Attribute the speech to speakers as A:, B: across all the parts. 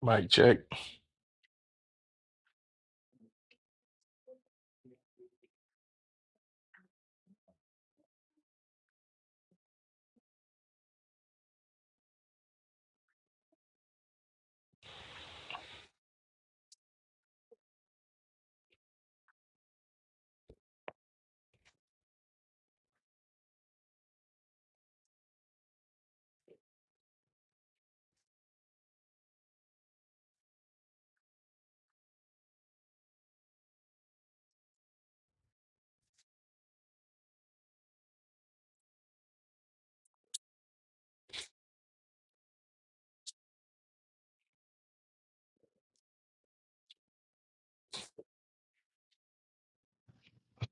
A: Mic check.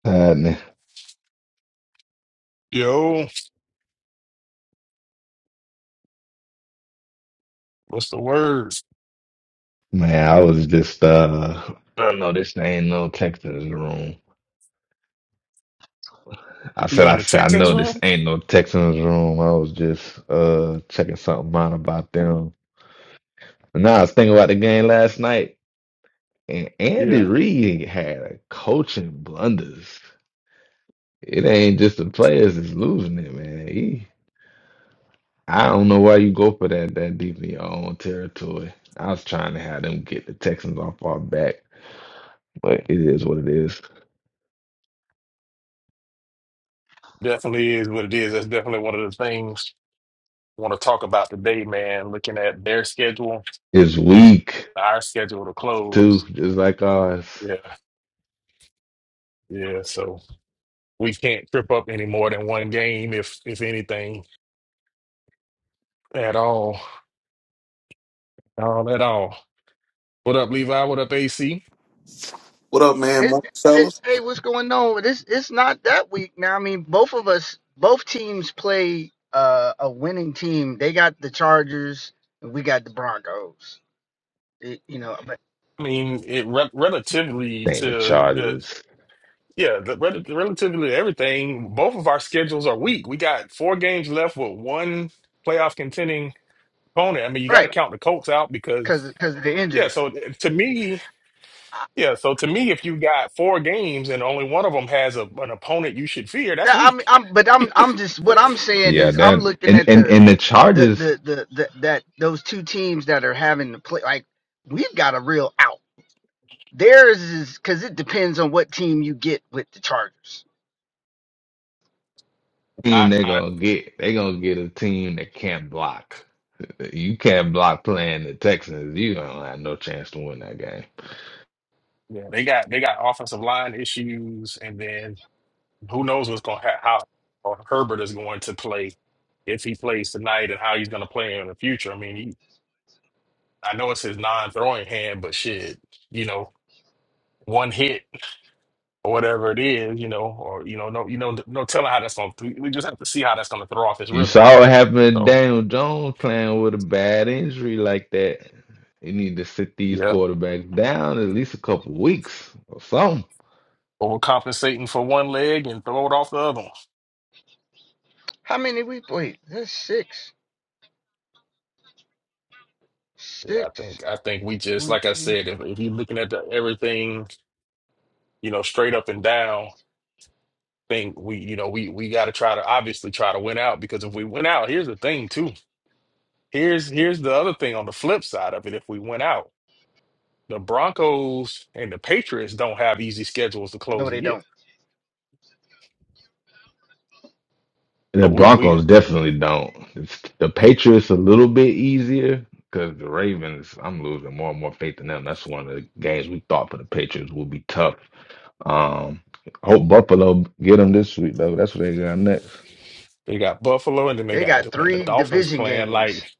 B: Uh, n-
A: Yo, what's the word?
B: man, I was just uh, I don't know this ain't no Texans room. I said,
A: You in
B: I
A: the
B: said, I
A: Texans
B: know this
A: room?
B: ain't no Texans room. I was just uh checking something out about them. And now I was thinking about the game last night, and Andy
A: Yeah,
B: Reid had a coaching blunders. It ain't just the players that's losing it, man. He, I don't know why you go for that that deep in your own territory. I was trying to have them get the Texans off our back, but it is what it is.
A: definitely is what it is. That's definitely one of the things I want to talk about today, man. Looking at their schedule,
B: It's weak.
A: our schedule to
B: too,
A: close.
B: just like ours.
A: Yeah, yeah. So we can't trip up any more than one game, if if anything at all, all at all. What up, Levi? What up, AC?
C: What up, man?
D: It,
C: Morning,
D: it,
C: fellas.
D: hey, what's going on? This it's not that weak now. I mean, both of us, both teams play uh, a winning team. They got the Chargers, and we got the Broncos. It- you know, but
A: I mean, it re- relatively
B: Ain't the
A: to the
B: Chargers.
A: Yeah, the, rel- relatively to everything, both of our schedules are weak. We got four games left with one playoff contending opponent. I mean, you got to
D: right
A: count the Colts out because,
D: because because of the
A: yeah,
D: injury.
A: so eh, to me, yeah, so to me, if you got four games and only one of them has a, an opponent you should fear, that's
D: Yeah, I'm
A: weak.
D: I'm but I'm I'm just what I'm saying
B: Yeah,
D: is
B: that
D: I'm looking
B: and,
D: at
B: and
D: the
B: and the
D: the
B: Chargers
D: the the, the that those two teams that are having to play like we've got a real out. Theirs is because it depends on what team you get with the Chargers.
B: team
A: I,
B: they
A: I,
B: gonna get they gonna get a team that can't block. You can't block playing the Texans. You don't have no chance to win that game.
A: yeah, they got they got offensive line issues, and then who knows what's going to ha- how or Herbert is going to play if he plays tonight and how he's going to play in the future. I mean, I know it's his non-throwing hand, but shit, you know, one hit or whatever it is, you know, or you know, no, you know, no telling how that's gonna. We just have to see how that's gonna throw off his
B: You
A: rhythm.
B: saw what happened to
A: So
B: Daniel Jones playing with a bad injury like that. You need to sit these
A: yeah,
B: quarterbacks down at least a couple weeks or something.
A: overcompensating for one leg and throw it off the other. one.
D: How many we played? That's six.
A: Yeah, I
D: Six,
A: think I think we just
D: one,
A: like I
D: two.
A: said, if, if you're looking at the, everything, you know, straight up and down, think we, you know, we we got to try to obviously try to win out because if we win out, here's the thing too. Here's here's the other thing on the flip side of it. If we win out. the Broncos and the Patriots don't have easy schedules to close
D: No,
A: the
D: they
A: year.
D: don't.
B: The
A: So we, we
B: Broncos definitely don't. It's, the Patriots a little bit easier because the Ravens. I'm losing more and more faith in them. That's one of the games we thought for the Patriots would be tough. Um, hope Buffalo get them this week though. That's what they got next.
A: they got Buffalo and then they
D: They got
A: got man the
D: three
A: Dolphins
D: division
A: playing
D: games.
A: like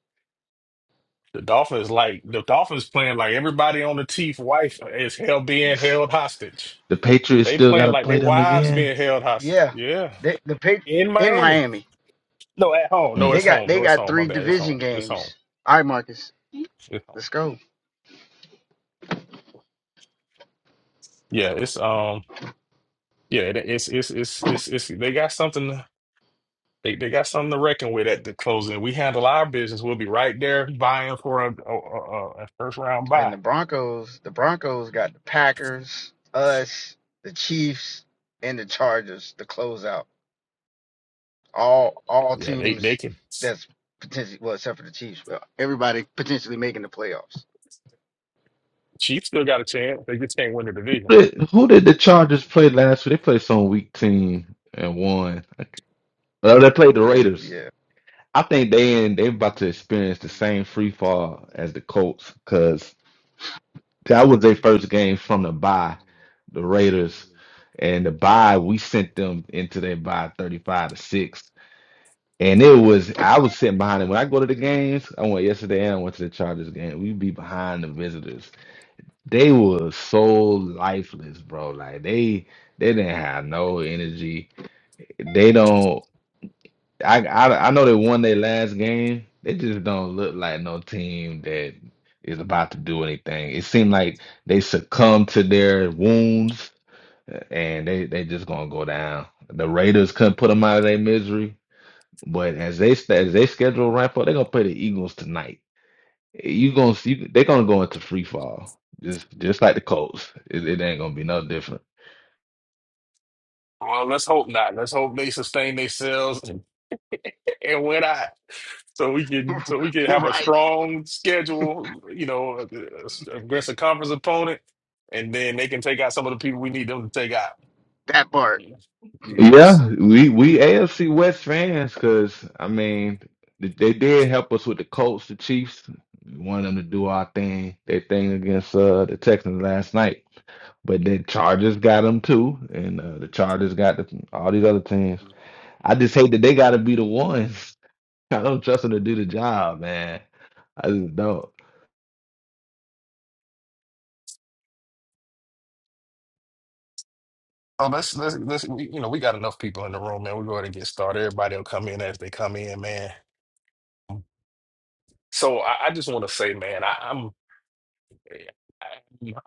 A: the Dolphins like the Dolphins playing like everybody on the team's wife is held being held hostage.
B: The Patriots
A: They
B: still got
A: playing
B: to
A: like
B: play
A: their
B: them
A: wives
B: again.
A: being held hostage.
D: Yeah,
A: Yeah,
D: they, the Patri
A: in
D: in
A: Miami.
D: Miami.
A: No, at home. No,
B: Mm.
D: They
A: it's
D: got
A: home.
D: they
A: No, it's
D: got
A: home. My
D: three
A: bad. It's home.
D: division
A: It's home.
D: games. All right, Marcus,
A: It's home.
D: let's go.
A: Yeah, it's um. Yeah, it- it's it's it's it's it's they got something. They they got something to reckon with at the closing. We handle our business. We'll be right there buying for a, a, a, a first round
D: And
A: buy.
D: the Broncos, the Broncos got the Packers, us, the Chiefs, and the Chargers to close out. All all
A: Yeah, they they
D: teams
A: can.
D: that's potentially well, except for the Chiefs, but everybody potentially making the playoffs.
A: Chiefs still got a chance. They just can't win the division.
B: But who did the Chargers play last week? They played some weak team and won. Okay. Well, they played the
D: Yeah, th-
B: Raiders. I think they in, they about to experience the same free fall as the Colts because. That was their first game from the bye, the Raiders. And the bye, we sent them into their bye 35 to 6. And it was, I was sitting behind them. When I go to the games, I went yesterday and I went to the Chargers game. We'd be behind the visitors. They were so lifeless, bro. Like they they didn't have no energy. They don't. I, I I know they won their last game. They just don't look like no team that is about to do anything. It seemed like they succumbed to their wounds uh, and they they just gonna go down. The Raiders couldn't put them out of their misery, but as they sta- as they schedule ramp up, they're gonna play the Eagles tonight. You gonna see they're gonna go into free fall just just like the Colts. It, it ain't gonna be no different.
A: Well, let's hope not. Let's hope they sustain themselves and win out. so we
D: yeah.
A: can so we can have a
D: right.
A: strong schedule, you know, uh, uh, against a conference opponent, and then they can take out some of the people we need them to take out.
D: That part.
A: You know, so,
B: Yeah, we we AFC West fans, because I mean they, they did help us with the Colts, the Chiefs. We wanted them to do our thing, their thing against uh, the Texans last night. But the Chargers got them too, and uh, the Chargers got the, all these other teams. I just hate that they got to be the ones. I don't trust them to do the job, man. I just don't.
A: so let's let's let's we, you know we got enough people in the room, man. We go ahead and get started. Everybody will come in as they come in, man. So I, I just want to say, man, I, I'm.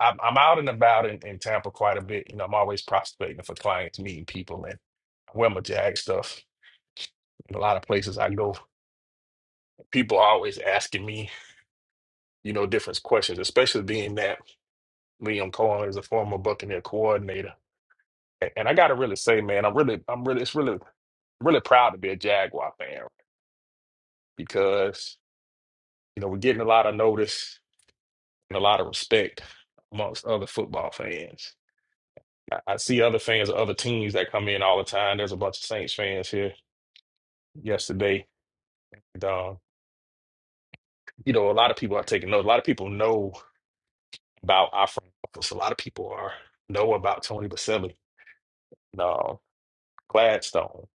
A: I'm I'm out and about in, in Tampa quite a bit. You know, I'm always prospecting for clients, meeting people, and I wear my Jag stuff in a lot of places I go. people are always asking me, you know, different questions, especially being that Liam Cohen is a former Buccaneer coordinator. A- And I gotta really say, man, I'm really, I'm really, it's really, really proud to be a Jaguar fan because, you know, we're getting a lot of notice and a lot of respect amongst other football fans. I, I see other fans of other teams that come in all the time. There's a bunch of Saints fans here yesterday. And, um, you know, a lot of people are taking notes. A lot of people know about our front office. A lot of people are know about Tony Baselli uh, Gladstone.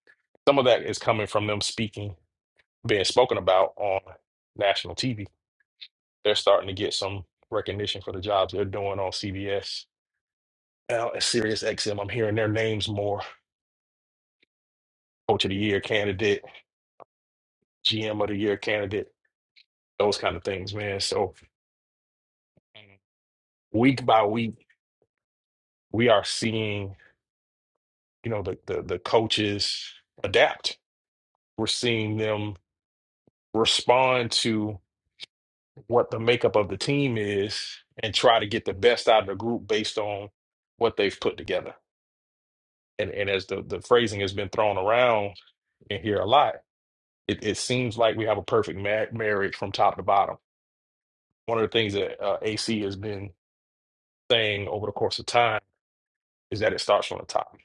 A: Some of that is coming from them speaking, being spoken about on national TV. They're starting to get some recognition for the jobs they're doing on CBS, Now, at Sirius XM. I'm hearing their names more. Coach of the Year candidate, GM of the Year candidate, those kind of things, man. So week by week, we are seeing, you know, the the, the coaches adapt. We're seeing them respond to what the makeup of the team is and try to get the best out of the group based on what they've put together. And and as the, the phrasing has been thrown around in here a lot, it, it seems like we have a perfect ma- marriage from top to bottom. One of the things that uh, AC has been saying over the course of time is that it starts from the top.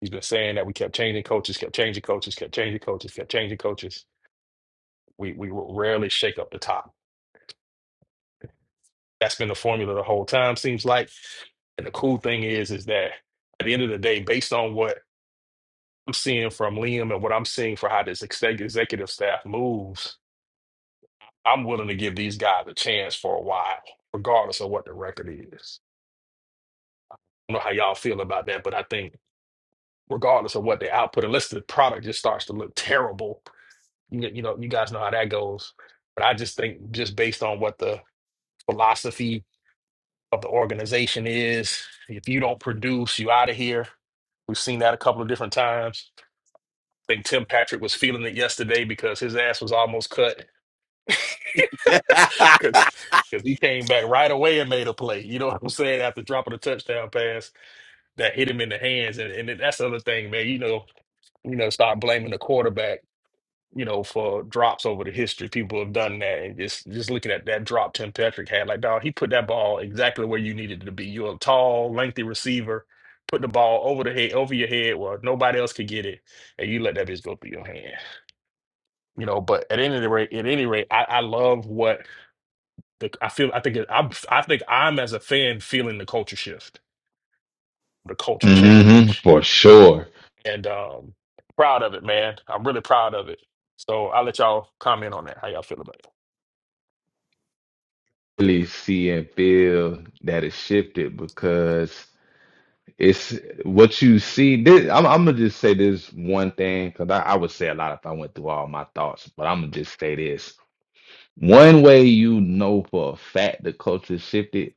A: He's been saying that we kept changing coaches, kept changing coaches, kept changing coaches, kept changing coaches. We we will rarely shake up the top. That's been the formula the whole time, seems like. And the cool thing is, is that at the end of the day, based on what I'm seeing from Liam and what I'm seeing for how this ex- executive staff moves, I'm willing to give these guys a chance for a while, regardless of what the record is. I don't know how y'all feel about that, but I think regardless of what they output, unless the product just starts to look terrible, you, you know, you guys know how that goes. But I just think just based on what the philosophy what the organization is. If you don't produce, you out of here. We've seen that a couple of different times. I think Tim Patrick was feeling it yesterday because his ass was almost cut
C: yep.
A: because he came back right away and made a play. You know what I'm saying? After dropping a touchdown pass that hit him in the hands, and, and that's the other thing, man. You know, you know, start blaming the quarterback. you know, for drops over the history. People have done that, and just just looking at that drop Tim Patrick had, like, dog, he put that ball exactly where you needed it to be. You're a tall, lengthy receiver, put the ball over the head, over your head, where nobody else could get it, and you let that bitch go through your hand. You know, but at any rate, at any rate, I, I love what the I feel. I think it, I'm, I think I'm as a fan feeling the culture shift, the culture
B: hmm
A: change,
B: for sure.
A: and um, proud of it, man. I'm really proud of it. So I'll let y'all comment on that. How y'all feel about it?
B: Really see and feel that it shifted because. It's what you see. This, I'm, I'm gonna just say this one thing because I, I would say a lot if I went through all my thoughts, but I'm gonna just say this. One way you know for a fact the culture shifted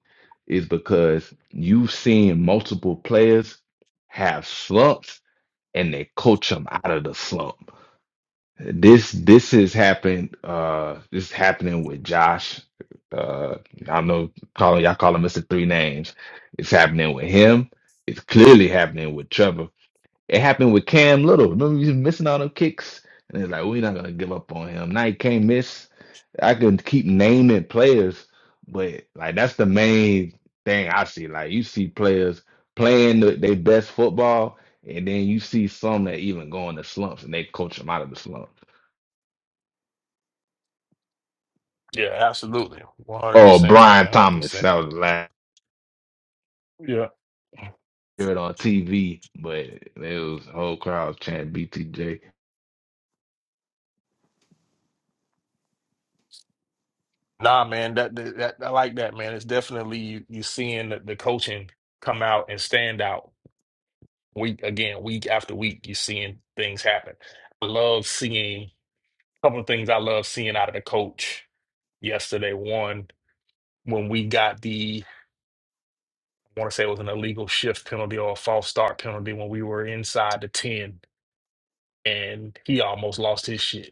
B: is because you've seen multiple players have slumps and they coach them out of the slump. This this has happened. Uh, this is happening with Josh. Uh, I know calling y'all call him Mr. Three Names. It's happening with him. It's clearly happening with Trevor. It happened with Cam Little. Remember, he was missing all them kicks, and it's like we're not gonna give up on him. Now he can't miss. I can keep naming players, but like that's the main thing I see. Like you see players playing the, their best football, and then you see some that even go into slumps, and they coach them out of the slump.
A: Yeah, absolutely.
B: Oh,
A: 100%,
B: Brian
A: man.
B: Thomas.
A: 100%.
B: That was the last
A: Yeah.
B: year on TV, but it was the whole crowd chanting BTJ.
A: Nah, man, that, that, that I like that, man. It's definitely you, you seeing the, the coaching come out and stand out week again, week after week. You're seeing things happen. I love seeing a couple of things I love seeing out of the coach yesterday. One, when we got the, I want to say it was an illegal shift penalty or a false start penalty when we were inside the 10, and he almost lost his shit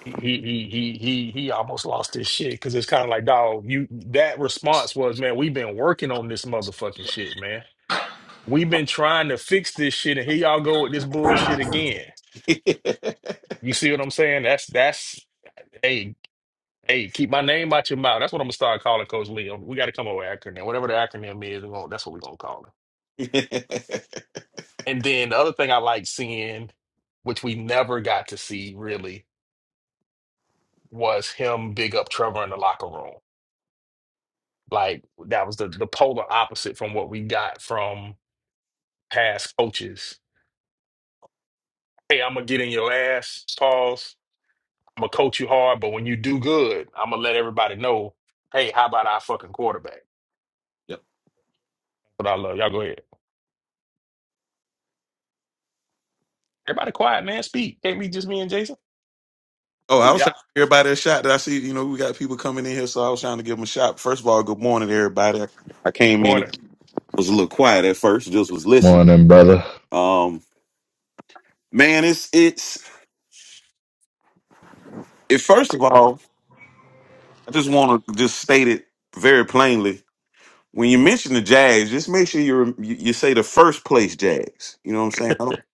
A: he he he he he almost lost his shit because it's kind of like dog you that response was man we've been working on this motherfucking shit man we've been trying to fix this shit and here y'all go with this bullshit again you see what i'm saying that's that's hey hey keep my name out your mouth that's what i'm gonna start calling coach Leo we got to come up with an acronym whatever the acronym is we're gonna, that's what we're gonna call it and then the other thing i like seeing which we never got to see really was him big up Trevor in the locker room Like that was the the polar opposite from what we got from past coaches. Hey, I'm gonna get in your ass, pause. I'm gonna coach you hard, but when you do good, I'm gonna let everybody know, hey, how about our fucking quarterback? But I love y'all. Go ahead. Everybody quiet, man. Speak. Can't be just me and Jason.
C: Oh, I was trying
A: Yeah.
C: to give everybody a shot. That I see, you know, we got people coming in here, so I was trying to give them a shot. First of all, good morning, to everybody. I came in,
A: Morning.
C: it was a little quiet at first, just was listening.
B: Morning, brother.
C: Um, man, it's it's. It, first of all, I just want to just state it very plainly. When you mention the Jags, just make sure you you you say the first place Jags. You know what I'm saying? I don't-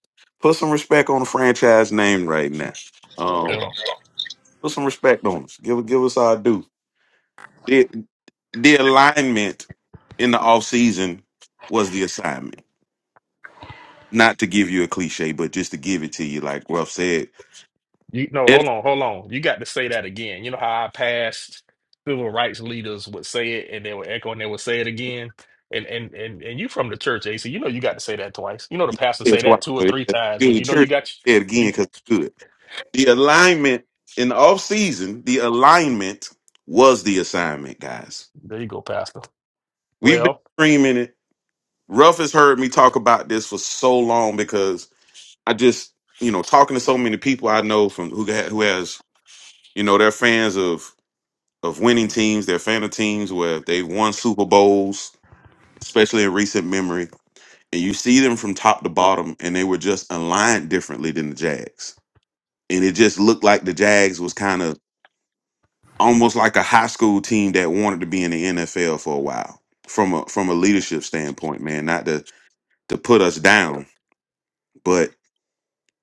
C: Put some respect on the franchise name right now. Um, put some respect on us. Give give us our due. The, the alignment in the off season was the assignment. Not to give you a cliche, but just to give it to you, like Ruff said.
A: You no, hold
C: It's,
A: on, hold on. You got to say that again. You know how our past civil rights leaders would say it and they would echo and they would say it again. And and and and you from the church, AC. You know you got to say that twice. You know the pastor say
C: it's why
A: that two or
C: so
A: three
C: it-
A: times
C: you're
A: when
C: the
A: you know you
C: church.
A: got
C: Say it again
A: you,
C: because it's good. The alignment in the off season, the alignment was the assignment, guys.
A: there you go, Pastor.
C: We've been
A: Well,
C: screaming it. Ruff has heard me talk about this for so long because I just, you know, talking to so many people I know from who ha- who has, you know, they're fans of of winning teams. They're a fan of teams where they've won Super Bowls, especially in recent memory. And you see them from top to bottom, and they were just aligned differently than the Jags. And it just looked like the Jags was kind of almost like a high school team that wanted to be in the NFL for a while from a from a leadership standpoint, man. Not to to put us down, but.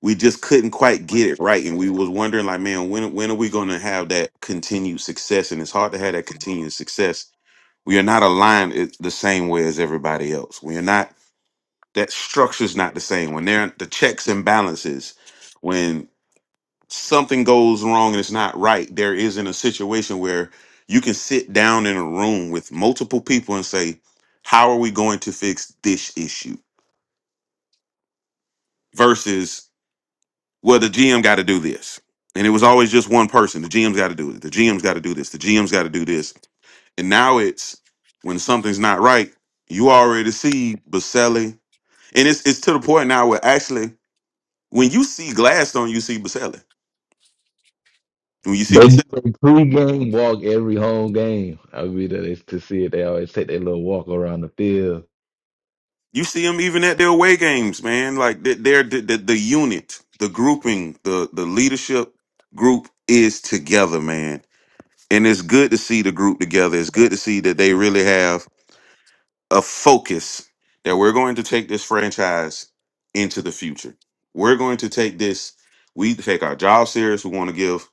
C: we just couldn't quite get it right and we was wondering like man when when are we going to have that continued success and it's hard to have that continued success we are not aligned i- the same way as everybody else we are not that structure's not the same when there are the checks and balances when something goes wrong and it's not right there isn't a situation where you can sit down in a room with multiple people and say how are we going to fix this issue versus well, the GM got to do this. And it was always just one person. The GM's got to do it. The GM's got to do this. The GM's got to do this. And now it's when something's not right, you already see Baselli. And it's it's to the point now where actually when you see Gladstone, you see Baselli. When you see
B: They do
C: Baselli,
B: a pre-game walk every home game. I mean, that is to see it. They always take their little walk around the field.
C: you see him even at their away games, man. Like they- they're the, the, the unit, the grouping, the the leadership group is together, man. And it's good to see the group together. It's good to see that they really have a focus that we're going to take this franchise into the future. We're going to take this, we take our job serious. We want to give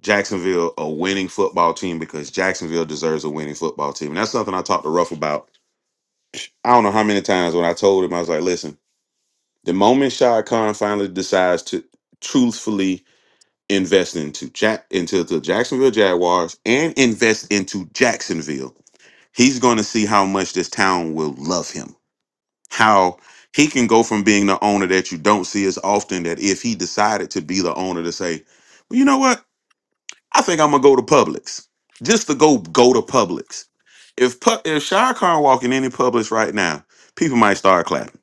C: Jacksonville a winning football team because Jacksonville deserves a winning football team. And that's something I talked to Ruff about. I don't know how many times when I told him, I was like, listen, the moment Shah Khan finally decides to truthfully invest into Jack into the Jacksonville Jaguars and invest into Jacksonville, he's going to see how much this town will love him how he can go from being the owner that you don't see as often that if he decided to be the owner to say, well, you know what? I think I'm gonna go to Publix. Just to go go to Publix. If Pu- if Shire Khan walk in any Publix right now, people might start clapping.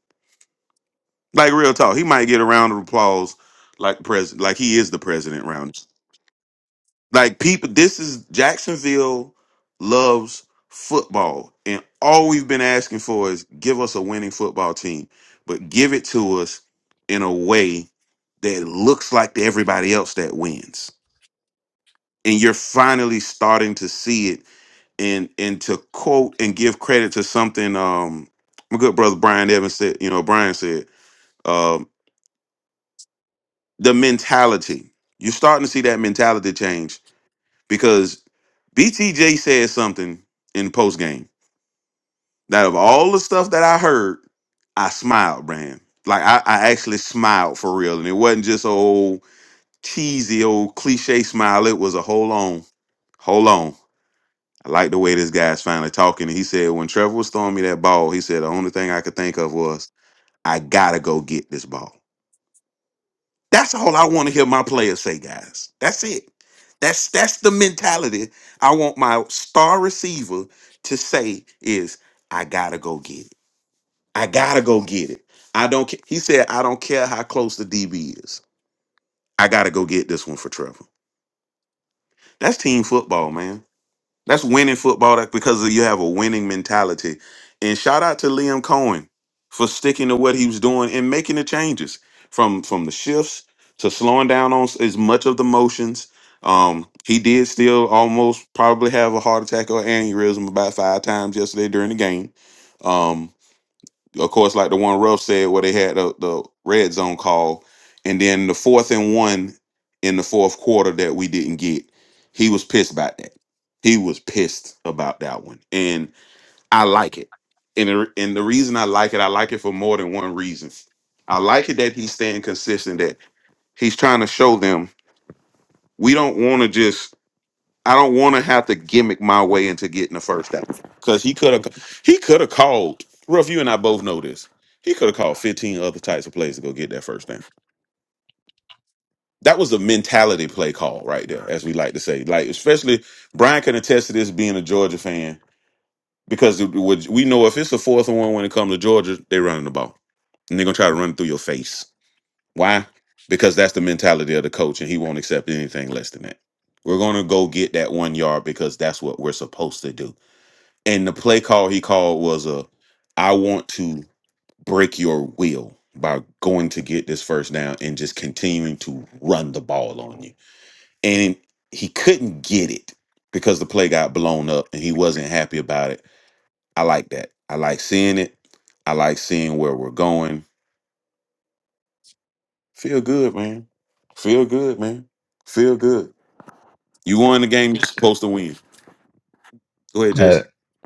C: Like real talk. He might get a round of applause like the president, like he is the president round. Like people, this is Jacksonville loves football, and all we've been asking for is give us a winning football team, but give it to us in a way that looks like to everybody else that wins. And you're finally starting to see it. And and to quote and give credit to something um my good brother Brian Evans said, you know, Brian said, um, the mentality. You're starting to see that mentality change because BTJ said something in post game that of all the stuff that I heard, I smiled, Brand. Like I, I actually smiled for real, and it wasn't just a old cheesy old cliche smile. It was a hold on, hold on. I like the way this guy's finally talking. And he said when Trevor was throwing me that ball, he said the only thing I could think of was I gotta go get this ball. That's all I want to hear my players say, guys. That's it. That's that's the mentality I want my star receiver to say is I gotta go get it. I gotta go get it. I don't care. He said, I don't care how close the DB is. I gotta go get this one for Trevor. That's team football, man. That's winning football That's because you have a winning mentality. And shout out to Liam Cohen for sticking to what he was doing and making the changes from from the shifts to slowing down on s- as much of the motions. Um, he did still almost probably have a heart attack or aneurysm about five times yesterday during the game. Um, of course, like the one Ruff said, where they had the, the red zone call, and then the fourth and one in the fourth quarter that we didn't get. He was pissed about that. He was pissed about that one, and I like it. And the, and the reason I like it, I like it for more than one reason. I like it that he's staying consistent. That he's trying to show them we don't want to just I don't want to have to gimmick my way into getting the first out because he could have he could have called. Ruff, you and I both know this. He could have called fifteen other types of plays to go get that first down. That was a mentality play call right there, as we like to say. Like especially Brian can attest to this being a Georgia fan because it would- we know if it's a fourth and one when it comes to Georgia, they are running the ball and they're gonna try to run it through your face. Why? Because that's the mentality of the coach, and he won't accept anything less than that. We're gonna go get that one yard because that's what we're supposed to do And the play call he called was a I want to break your will by going to get this first down and just continuing to run the ball on you. And he couldn't get it because the play got blown up and he wasn't happy about it. I like that. I like seeing it. I like seeing where we're going. Feel good, man. Feel good, man. Feel good. You won the game you're supposed to win. Go ahead,
B: Uh,
C: Jason.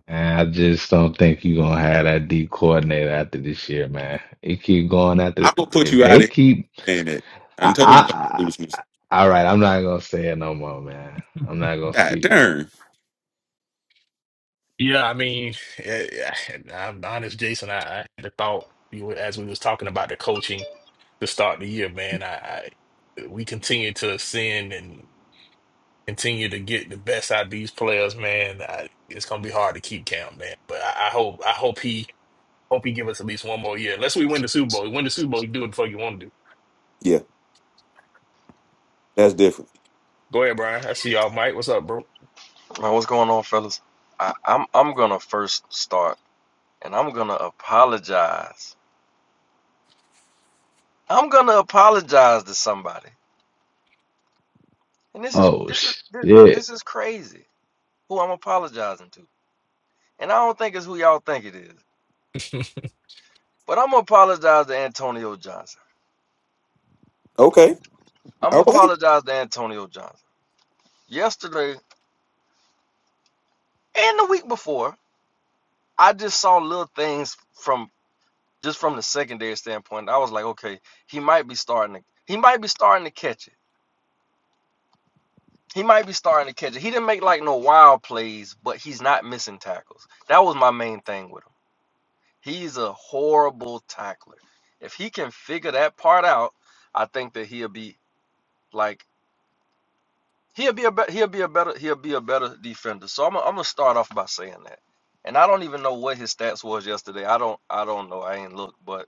B: And I just don't think you're gonna have that D coordinator after this year, man. It keep going after
C: I'm gonna put
B: if
C: you out of
B: they
C: here
B: keep.
C: saying that. I
B: I,
C: done told you about the
B: I,
C: foolishness.
B: I all right. I'm not gonna say it no more, man. I'm not gonna
C: God
B: speak it.
C: darn.
A: yeah, I mean, eh, I'm honest, Jason. I, I had the thought you know, as we was talking about the coaching to start the year, man. I, I we continue to sin continue to get the best out of these players, man, I, it's gonna be hard to keep count, man. But I, I hope I hope he hope he give us at least one more year. Unless we win the Super Bowl. You Win the Super Bowl, you do what the fuck you want to do.
C: That's different.
A: Go ahead, Brian. I see y'all, Mike. What's up, bro?
E: Man, what's going on, fellas? I, I'm I'm gonna first start, and I'm gonna apologize. I'm gonna apologize to somebody, and this is
B: Oh
E: this is this,
B: shit.
E: this is crazy. Who I'm apologizing to, and I don't think it's who y'all think it is. But I'm gonna apologize to Antonio Johnson.
C: Okay.
E: I'm gonna
C: All right.
E: apologize to Antonio Johnson. Yesterday and the week before, I just saw little things from just from the secondary standpoint. I was like, okay, he might be starting to he might be starting to catch it. He might be starting to catch it. He didn't make like no wild plays, but he's not missing tackles. That was my main thing with him. He's a horrible tackler. If he can figure that part out, I think that he'll be like he'll be a be- he'll be a better he'll be a better defender. So I'm i I'm gonna start off by saying that. And I don't even know what his stats was yesterday. I don't I don't know. I ain't looked, but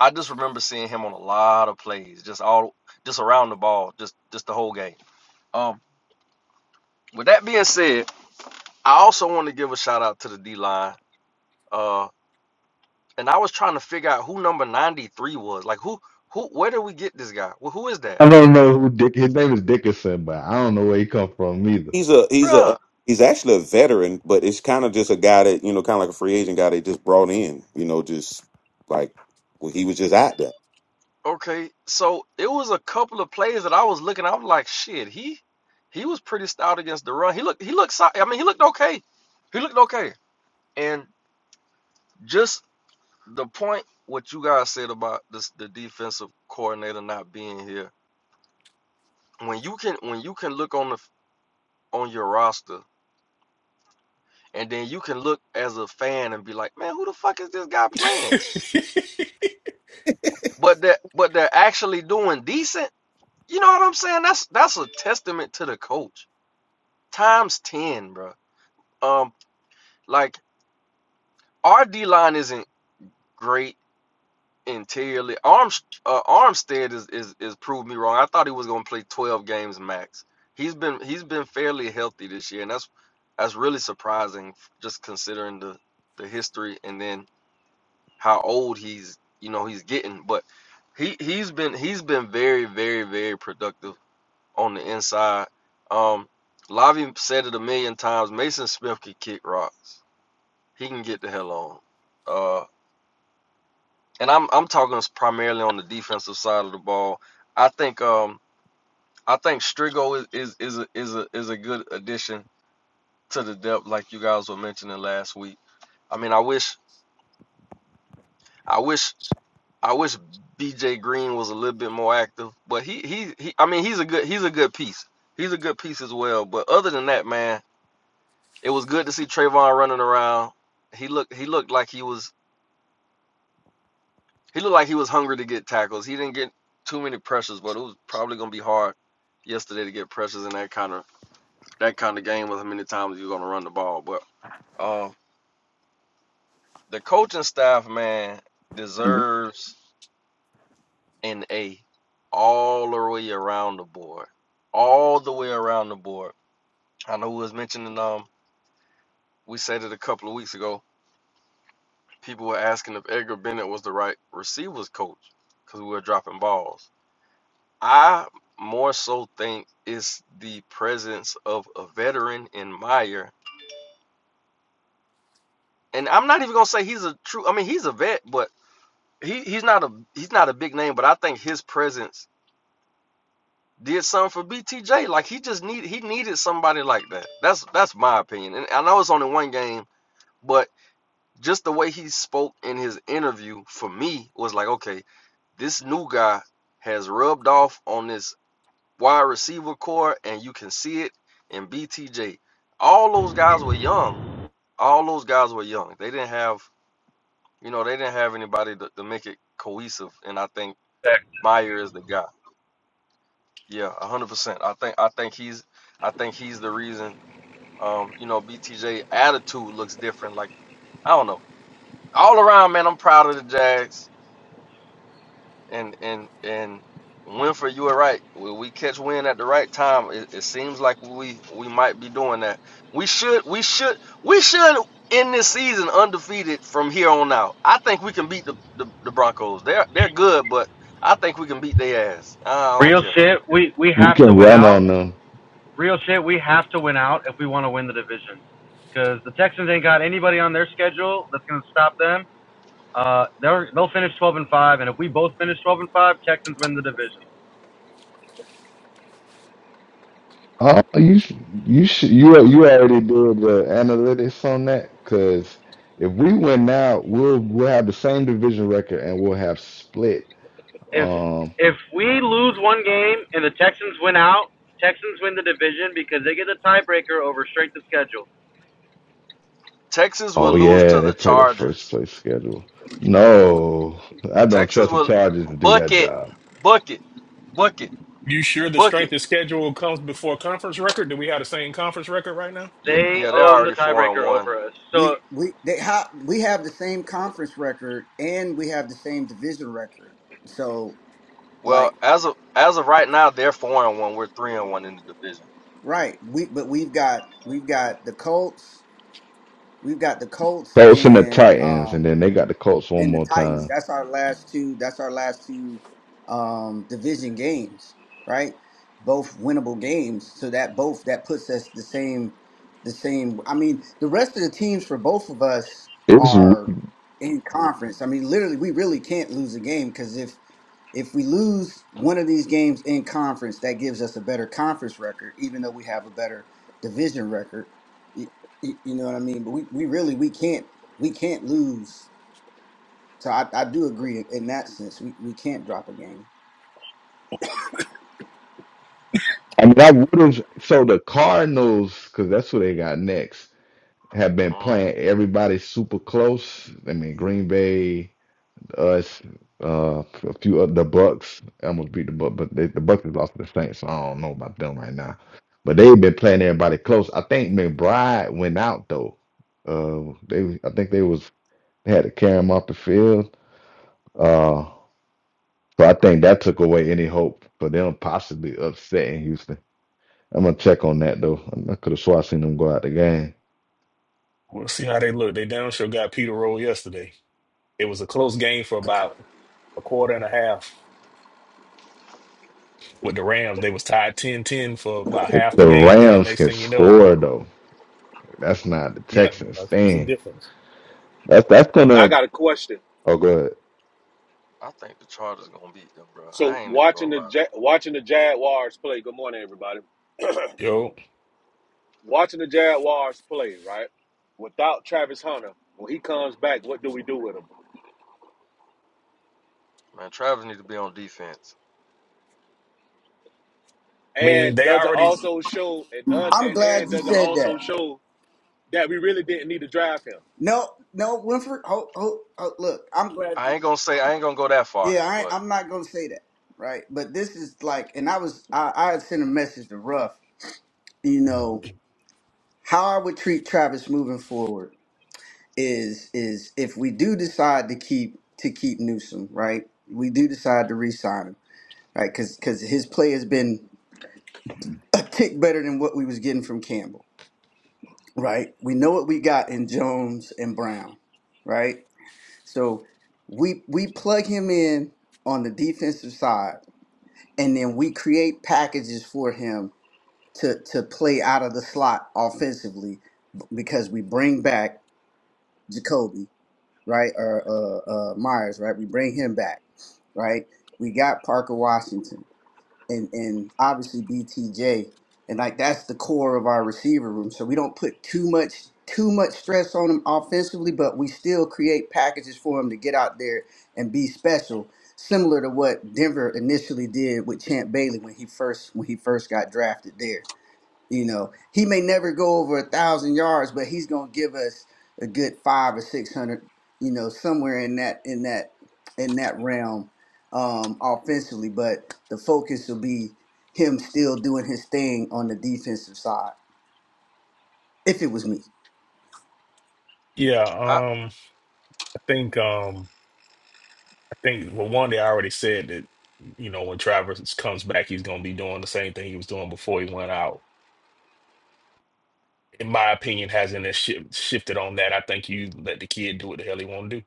E: I just remember seeing him on a lot of plays, just all just around the ball, just just the whole game. Um, with that being said. I also want to give a shout out to the D line. Uh, and I was trying to figure out who number 93 was. Like, who, who, where did we get this guy? Well, who is that?
B: I don't know who Dick. His name is Dickinson, but I don't know where he come from either.
C: He's a he's a
E: Bruh.
C: he's actually a veteran, but it's kind of just a guy that you know, kind of like a free agent guy they just brought in. You know, just like well, he was just out there.
E: Okay. So it was a couple of plays that I was looking, I was like, shit, he, he was pretty stout against the run. He looked, he looked, so- I mean, he looked okay. He looked okay. And just the point, what you guys said about this, the defensive coordinator not being here. When you can, when you can look on the, on your roster and then you can look as a fan and be like, man, who the fuck is this guy playing? But that but they're actually doing decent. You know what I'm saying? That's that's a testament to the coach. Times ten, bro. Um, like our D line isn't great interiorly. Arms uh, Armstead is is is proved me wrong. I thought he was gonna play twelve games max. He's been he's been fairly healthy this year, and that's that's really surprising, just considering the the history and then how old he's you know he's getting but he he's been he's been very very very productive on the inside um Lavi said it a million times Mason Smith can kick rocks he can get the hell on uh and I'm I'm talking primarily on the defensive side of the ball I think um I think Strigo is is is a, is a is a good addition to the depth like you guys were mentioning last week I mean I wish I wish I wish BJ Green was a little bit more active, but he he, he I mean he's a good he's a good piece. He's a good piece as well. But other than that, man, it was good to see Trayvon running around. He looked he looked like he was he looked like he was hungry to get tackles. He didn't get too many pressures, but it was probably gonna be hard yesterday to get pressures in that kind of that kind of game with how many times you're gonna run the ball. But um the coaching staff, man,
C: Mhm.
E: deserves and A all the way around the board. All the way around the board. I know we was mentioning um we said it a couple of weeks ago. People were asking if Edgar Bennett was the right receivers coach because we were dropping balls. I more so think it's the presence of a veteran in Meyer. And I'm not even gonna say he's a true I mean he's a vet, but he, he's not a he's not a big name, but I think his presence did something for BTJ. Like he just need he needed somebody like that. That's that's my opinion. And I know it's only one game, but just the way he spoke in his interview for me was like, okay, this new guy has rubbed off on this wide receiver core, and you can see it in BTJ. All those guys were young. All those guys were young. They didn't have you know they didn't have anybody to, to make it cohesive. And I think Meyer is the guy. Yeah, one hundred percent. I think I think he's I think he's the reason Um, you know, BTJ attitude looks different. Like I don't know. All around, man, I'm proud of the Jags. And and and Winfrey, you were right. When we catch wind at the right time, it, it seems like we we might be doing that. We should we should we should end this season undefeated from here on out. I think we can beat the the, the Broncos. They're they're good, but I think we can beat their ass. I don't
F: Real
E: care.
F: shit, we we
B: We
F: have
B: can
F: to win
B: run
F: out.
B: on them.
F: Real shit, we have to win out if we want to win the division. Because the Texans ain't got anybody on their schedule that's going to stop them. Uh, they're, they'll finish 12 and five, and if we both finish 12 and five, Texans win the division.
B: Oh, you sh- you sh- you al- you already did the analytics on that because if we win now, we'll we'll have the same division record and we'll have split.
F: If
B: Um.
F: if we lose one game and the Texans win out, Texans win the division because they get the tiebreaker over straight to schedule.
E: Texans will
B: Oh
E: lose
B: yeah,
E: to
B: they
E: the
B: play the first
E: Chargers.
B: place schedule. No, I don't
E: Texans
B: trust the
E: will
B: Chargers to do that
E: bucket,
B: job.
E: bucket, bucket.
A: you sure the
E: Book
A: strength
E: it.
A: of schedule comes before conference record? Do we have the same conference record right now?
E: Yeah,
F: They
E: yeah, they're
F: own the
E: already four and
F: tiebreaker
E: one.
F: over us. So
D: We we they have we have the same conference record and we have the same division record. So
E: Well,
D: like
E: as of as of right now, they're four and one. We're three and one in the division.
D: right, we but we've got we've got the Colts, we've got the Colts
B: Colts and the
D: and
B: Titans,
D: um
B: and then they got the Colts one
D: and the
B: more
D: Titans.
B: time.
D: That's our last two. That's our last two um, division games, right? Both winnable games. So that both that puts us the same. The same. I mean, the rest of the teams for both of us
B: It's.
D: are in conference. I mean, literally, we really can't lose a game because if if we lose one of these games in conference, that gives us a better conference record, even though we have a better division record. You, you know what I mean? But we, we really we can't we can't lose so I, I do agree in, in that sense. We we can't drop a game.
B: I mean, I would have. So the Cardinals, because that's who they got next, have been
E: Uh,
B: playing everybody super close. I mean, Green Bay, us, uh, a few of the Bucks. I almost beat the Bucks, but they, the Bucks have lost to the Saints, so I don't know about them right now. But they've been playing everybody close. I think McBride went out though. Uh, they, I think they was they had to carry him off the field. Uh, so I
E: bro,
B: think
E: he,
B: that took away any hope for them possibly upsetting Houston. I'm gonna check on that though. I could have swore I seen them go out the game.
A: We'll see how they look. They down sure got Peter Roll yesterday. It was a close game for about a quarter and a half with the Rams. They was tied ten ten for about
B: If
A: half the
B: the
A: game, and then
B: Rams
A: next
B: can
A: thing you know,
B: score though. That's not the
A: Yeah,
B: Texans
A: that's- it's a
B: thing.
A: difference.
B: That's that's
G: I
B: gonna.
G: got a question.
B: Oh, good.
E: I think the Chargers gonna beat them, bro. I
G: So
E: ain't even
G: watching
E: gonna
G: the
E: lie,
G: Ja- watching the Jaguars play. Good morning, everybody.
A: Yo,
G: watching the Jaguars play, right? Without Travis Hunter, when he comes back, what do we do with him?
E: man. Travis need to be on defense.
A: I mean,
G: And
A: they
G: does it
A: already,
G: also show and does
D: I'm
G: and,
D: glad
G: and
D: you
G: does it
D: said that.
G: also show that we really didn't need to draft him?
D: No, no, Winfrey. Oh, oh, oh look, I'm glad.
E: I ain't gonna say I ain't gonna go that far,
D: Yeah, I, ain't-
E: but
D: I'm not gonna say that, right? But this is like, and I was, I, I had sent a message to Ruff. You know how I would treat Travis moving forward is is if we do decide to keep to keep Newsom, right? We do decide to re-sign him, right? Because because his play has been a tick better than what we was getting from Campbell right? We know what we got in Jones and Brown, right? So we we plug him in on the defensive side, and then we create packages for him to to play out of the slot offensively b- because we bring back Jacoby, right, or uh, uh, Myers, right? We bring him back, right? We got Parker Washington and and obviously BTJ, and like that's the core of our receiver room. So we don't put too much too much stress on them offensively, but we still create packages for them to get out there and be special, similar to what Denver initially did with Champ Bailey when he first when he first got drafted there. You know, he may never go over a thousand yards, but he's gonna give us a good five or six hundred. You know, somewhere in that in that in that realm um, offensively. But the focus will be him still doing his thing on the defensive side. If it was me,
A: yeah.
E: I
A: Um, I think, um, I think, well, one, they already said that, you know, when Travers comes back, he's gonna be doing the same thing he was doing before he went out. In my opinion, hasn't it shi shifted on that? I think you let the kid do what the hell he want to do,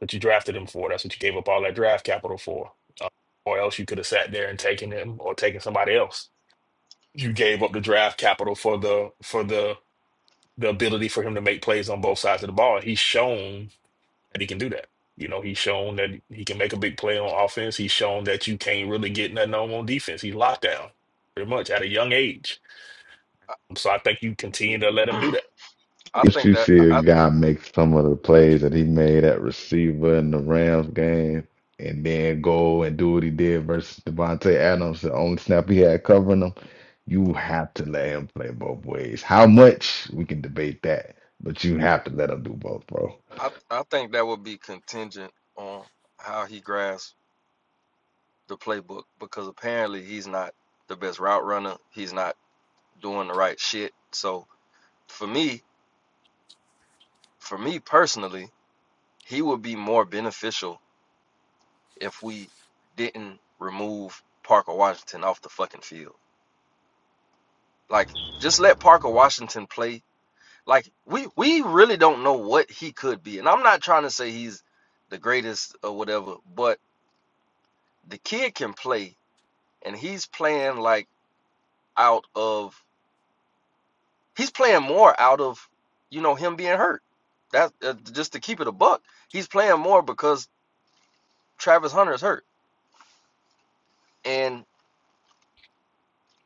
A: but you drafted him for. That's what you gave up all that draft capital for. Uh, or else you could have sat there and taken him or taken somebody else. You gave up the draft capital for the for the the ability for him to make plays on both sides of the ball. He's shown that he can do that. You know, he's shown that he can make a big play on offense. He's shown that you can't really get nothing on him on defense. He's locked down pretty much at a young age. So I think you continue to let him do that.
E: I
B: If
E: think
B: you
E: that
B: see a
E: I
B: guy make some of the plays that he made at receiver in the Rams game, and then go and do what he did versus Devontae Adams, the only snap he had covering him, you have to let him play both ways. How much we can debate that, but you have to let him do both, bro.
E: I I think that would be contingent on how he grasps the playbook because apparently he's not the best route runner. He's not doing the right shit. So for me, for me personally. He would be more beneficial if we didn't remove Parker Washington off the fucking field. Like, just let Parker Washington play. Like, we we really don't know what he could be, and I'm not trying to say he's the greatest or whatever, but the kid can play, and he's playing like out of he's playing more out of you know him being hurt. That uh, just to keep it a buck, he's playing more because Travis Hunter is hurt, and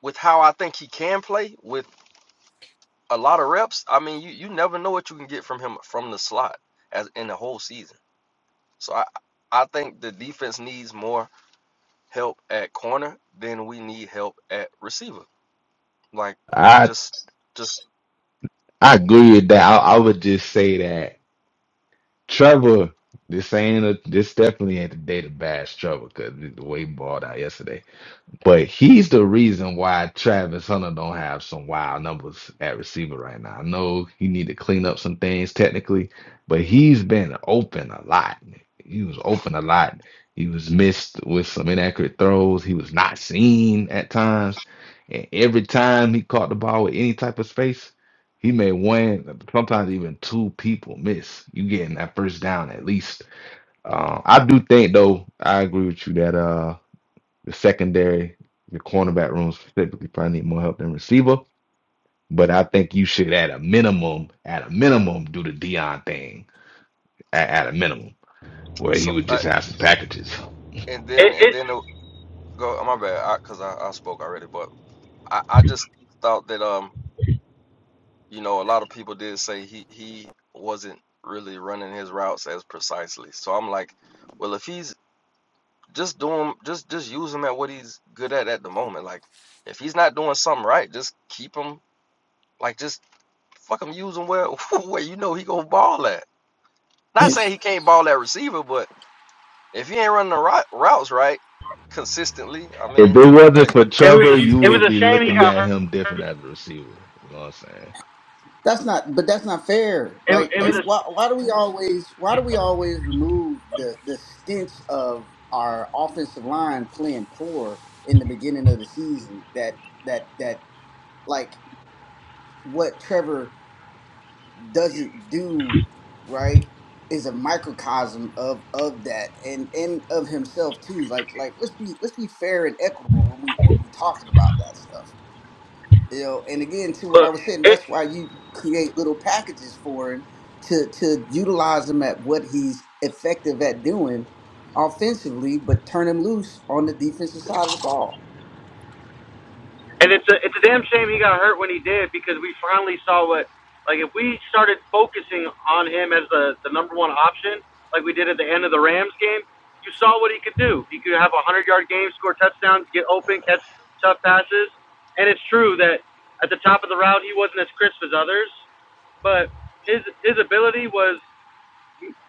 E: with how I think he can play with a lot of reps. I mean, you you never know what you can get from him from the slot as in the whole season. So I I think the defense needs more help at corner than we need help at receiver. Like
B: I.
E: just just
B: I agree with that. I, I would just say that Trevor, this ain't a, this definitely ain't the day to bash Trevor because the way he balled out yesterday. But he's the reason why Travis Hunter don't have some wild numbers at receiver right now. I know he need to clean up some things technically, but he's been open a lot. He was open a lot. He was missed with some inaccurate throws. He was not seen at times. And every time he caught the ball with any type of space, he made one, sometimes even two people miss. You getting that first down at least. Uh, I do think though, I agree with you that uh the secondary, your cornerback room specifically probably need more help than receiver. But I think you should, at a minimum, at a minimum, do the Dion thing. At, at a minimum, where he
E: so
B: would
E: I,
B: just have some packages.
E: and
F: it
E: then and
F: it,
E: then the, go oh, my bad because I, 'cause I I spoke already, but I I just thought that um you know a lot of people did say he he wasn't really running his routes as precisely. So I'm like, well if he's just do him just just use him at what he's good at at the moment like if he's not doing something right just keep him like just fuck him use him where where you know he gonna ball at not saying
D: Yes.
E: he can't ball at receiver but if he ain't running the right, routes right consistently i
B: If it
E: mean
B: wasn't
E: hey
B: for
F: it
A: I
F: was
A: mean,
B: Trevor,
A: he's
F: a
B: you
F: it was
B: would
A: he
F: a
B: be
F: shame he
B: looking
F: got
B: at him different
F: hurt.
B: as a receiver. You know what I'm saying?
D: that's not. But that's not fair.
F: It,
D: Like,
F: it was
D: every, why,
F: a
D: why do we always why do we always remove the the stench of our offensive line playing poor in the beginning of the season? That that that like. what Trevor doesn't do right is a microcosm of of that and and of himself too. Like like let's be let's be fair and equitable when we when we talking about that stuff. You know, and again to what I
F: look.
D: was saying,
F: It,
D: that's why you create little packages for him to to utilize him at what he's effective at doing offensively, but turn him loose on the defensive side of the ball.
F: And it's a it's a damn shame he got hurt when he did because we finally saw what like if we started focusing on him as the the number one option like we did at the end of the Rams game, you saw what he could do. He could have a hundred yard game, score touchdowns, get open, catch tough passes. And it's true that at the top of the route he wasn't as crisp as others, but his his ability was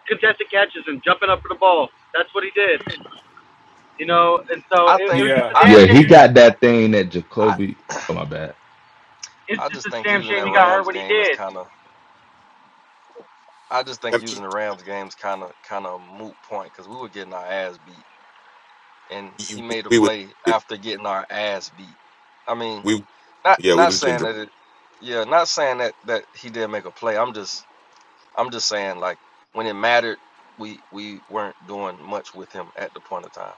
F: contested catches and jumping up for the ball. That's what he did, you know. And
E: i
F: so it, it
E: think
F: was just a
A: yeah
E: i
F: damn
B: Yeah,
A: at the
B: he
A: big
F: shame.
B: got that thing that
E: i
B: Jacoby. Oh my bad.
F: It's
E: i
F: just
E: just
F: a
E: think
F: damn
E: using
F: shame
E: that
F: he got hurt
E: rams
F: when he
E: game is
F: did.
E: kind of i just
C: I
E: think
C: mean,
E: using the rams game is kind of kind of moot point because we were getting our ass beat and he
C: you-
E: made a
C: we would
E: play after getting our ass beat i mean
C: we
E: Not
C: yeah we
E: not
C: was
E: saying
C: gender.
E: that it, yeah, not saying that that he didn't make a play. I'm just I'm just saying like when it mattered, we we weren't doing much with him at the point of time.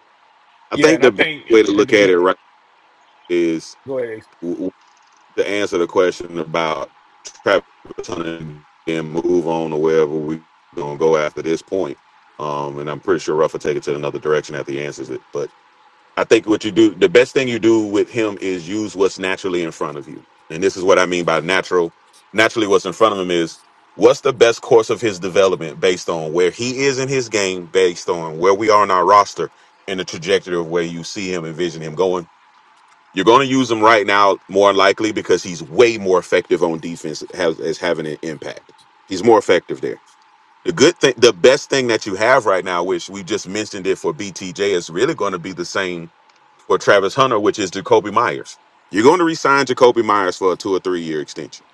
C: I
A: yeah,
C: think
A: and I
C: the best
A: think
C: way to
A: at the
C: look at it
A: big
C: right is
A: go ahead.
C: to answer the question about Travis Hunter and move on to wherever we gonna go after this point. Um, and I'm pretty sure Ruff will take it to another direction after he answers it. But I think what you do, the best thing you do with him is use what's naturally in front of you. And this is what I mean by natural. Naturally, what's in front of him is what's the best course of his development based on where he is in his game, based on where we are in our roster, and the trajectory of where you see him, envision him going you're going to use him right now, more than likely, because he's way more effective on defense as, as having an impact. He's more effective there. The good thing, the best thing that you have right now, which we just mentioned it for BTJ, is really going to be the same for Travis Hunter, which is Jacoby Myers. You're going to resign Jacoby Myers for a two or three year extension.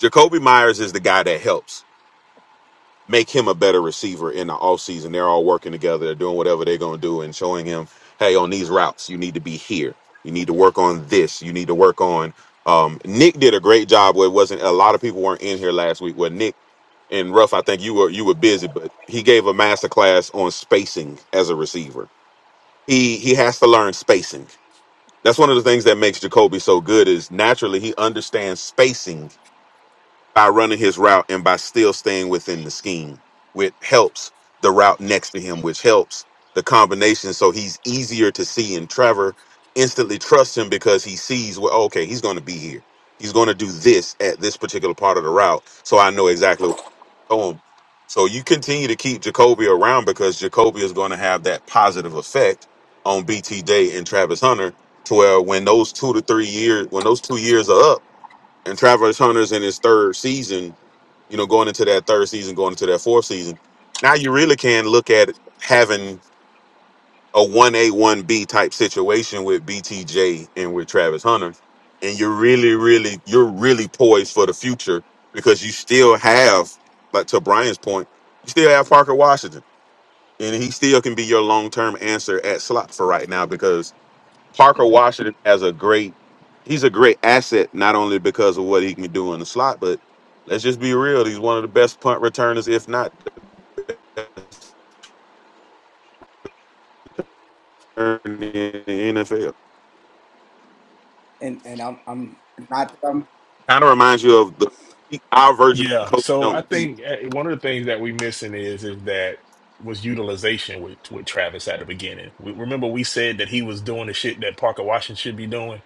C: Jacoby Myers is the guy that helps make him a better receiver in the offseason. They're all working together. They're doing whatever they're going to do and showing him, hey, on these routes, you need to be here. You need to work on this. You need to work on. Um, Nick did a great job where it wasn't a lot of people weren't in here last week. Where Nick and Ruff, I think you were you were busy, but he gave a master class on spacing as a receiver. He he has to learn spacing. That's one of the things that makes Jacoby so good is naturally he understands spacing by running his route and by still staying within the scheme, which helps the route next to him, which helps the combination. So he's easier to see. And Trevor instantly trusts him because he sees, well, okay, he's going to be here. He's going to do this at this particular part of the route. So I know exactly what I'm doing. So you continue to keep Jacoby around because Jacoby is going to have that positive effect on BT Day and Travis Hunter to where when those two to three years, when those two years are up, and Travis Hunter's in his third season, you know, going into that third season, going into that fourth season, now you really can look at having a 1A, 1B type situation with BTJ and with Travis Hunter. And you're really, really, you're really poised for the future because you still have, like to Brian's point, you still have Parker Washington. And he still can be your long term answer at slot for right now because Parker Washington has a great he's a great asset not only because of what he can do in the slot, but let's just be real, he's one of the best punt returners, if not in the NFL.
D: And and I'm I'm not that I'm
C: Kind of reminds you of the our version of
A: Yeah,
C: Coach
A: so I
C: Jones.
A: think uh, one of the things that we missing is is that was utilization with with Travis at the beginning. We, remember we said that he was doing the shit that Parker Washington should be doing.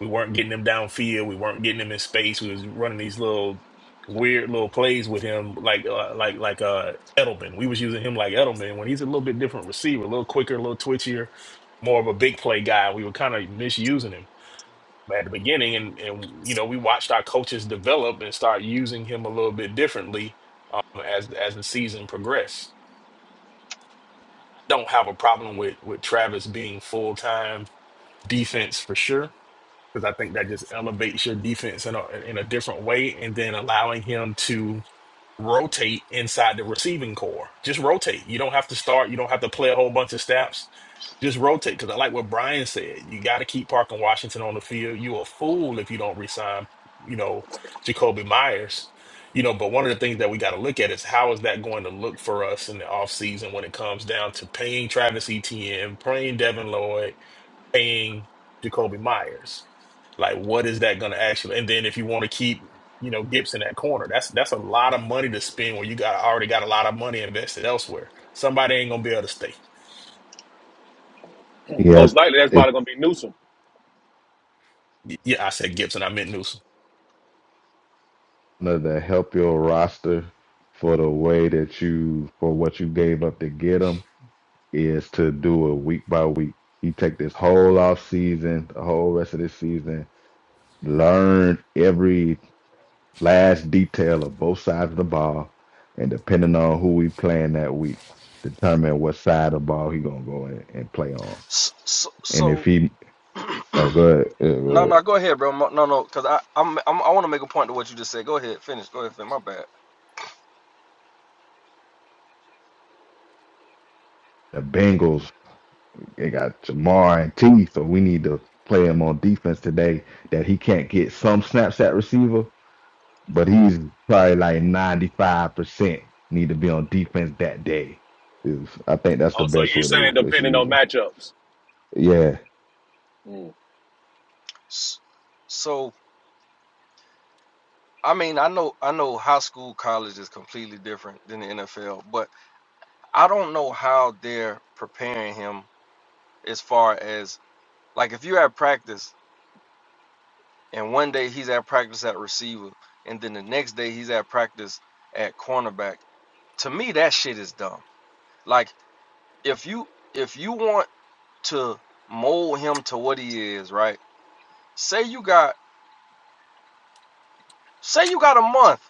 A: We weren't getting him downfield. We weren't getting him in space. We was running these little weird little plays with him, like uh, like like uh Edelman. We was using him like Edelman when he's a little bit different receiver, a little quicker, a little twitchier, more of a big play guy. We were kind of misusing him at the beginning and and you know we watched our coaches develop and start using him a little bit differently um, as as the season progressed. I don't have a problem with with Travis being full time defense for sure because I think that just elevates your defense in a in a different way and then allowing him to rotate inside the receiving core. Just rotate. You don't have to start. You don't have to play a whole bunch of snaps. Just rotate. Because I like what Brian said. You got to keep Parker Washington on the field. You a fool if you don't resign, you know, Jacoby Myers. You know, but one of the things that we got to look at is how is that going to look for us in the offseason when it comes down to paying Travis Etienne, paying Devin Lloyd, paying Jacoby Myers. Like, what is that going to actually? And then if you want to keep, you know, Gibson at corner, that's that's a lot of money to spend when you got already got a lot of money invested elsewhere. Somebody ain't gonna be able to stay.
B: Yeah,
G: Most likely, that's
B: it's
G: probably gonna be Newsom.
A: Y- Yeah, I said Gibson. I meant Newsom.
B: Another help your roster for the way that you for what you gave up to get him. is to do it week by week. You take this whole off season, the whole rest of this season, learn every last detail of both sides of the ball, and depending on who we playing that week, determine what side of the ball he gonna go in and play on.
E: So so,
B: And if
E: so
B: he oh good, uh,
E: no
B: uh,
E: no go ahead, bro. Mo- No no, because I I'm, I'm I want to make a point to what you just said. Go ahead, finish. Go ahead, finish. My bad.
B: the Bengals they got Jamar and T, so we need to play him on defense today that he can't get some snaps at receiver but he's probably like 95% need to be on defense that day. Is I think that's the
G: Oh, so
B: best
G: you
B: way they,
G: saying
B: they should
G: depending
B: use
G: on
B: him.
G: matchups?
B: Yeah.
G: Mm,
E: S- So I mean I know I know high school college is completely different than the NFL, but I don't know how they're preparing him as far as like if you're at practice And one day he's at practice at receiver, and then the next day he's at practice at cornerback. To me, that shit is dumb. Like if you if you want to mold him to what he is, right? Say you got say you got a month.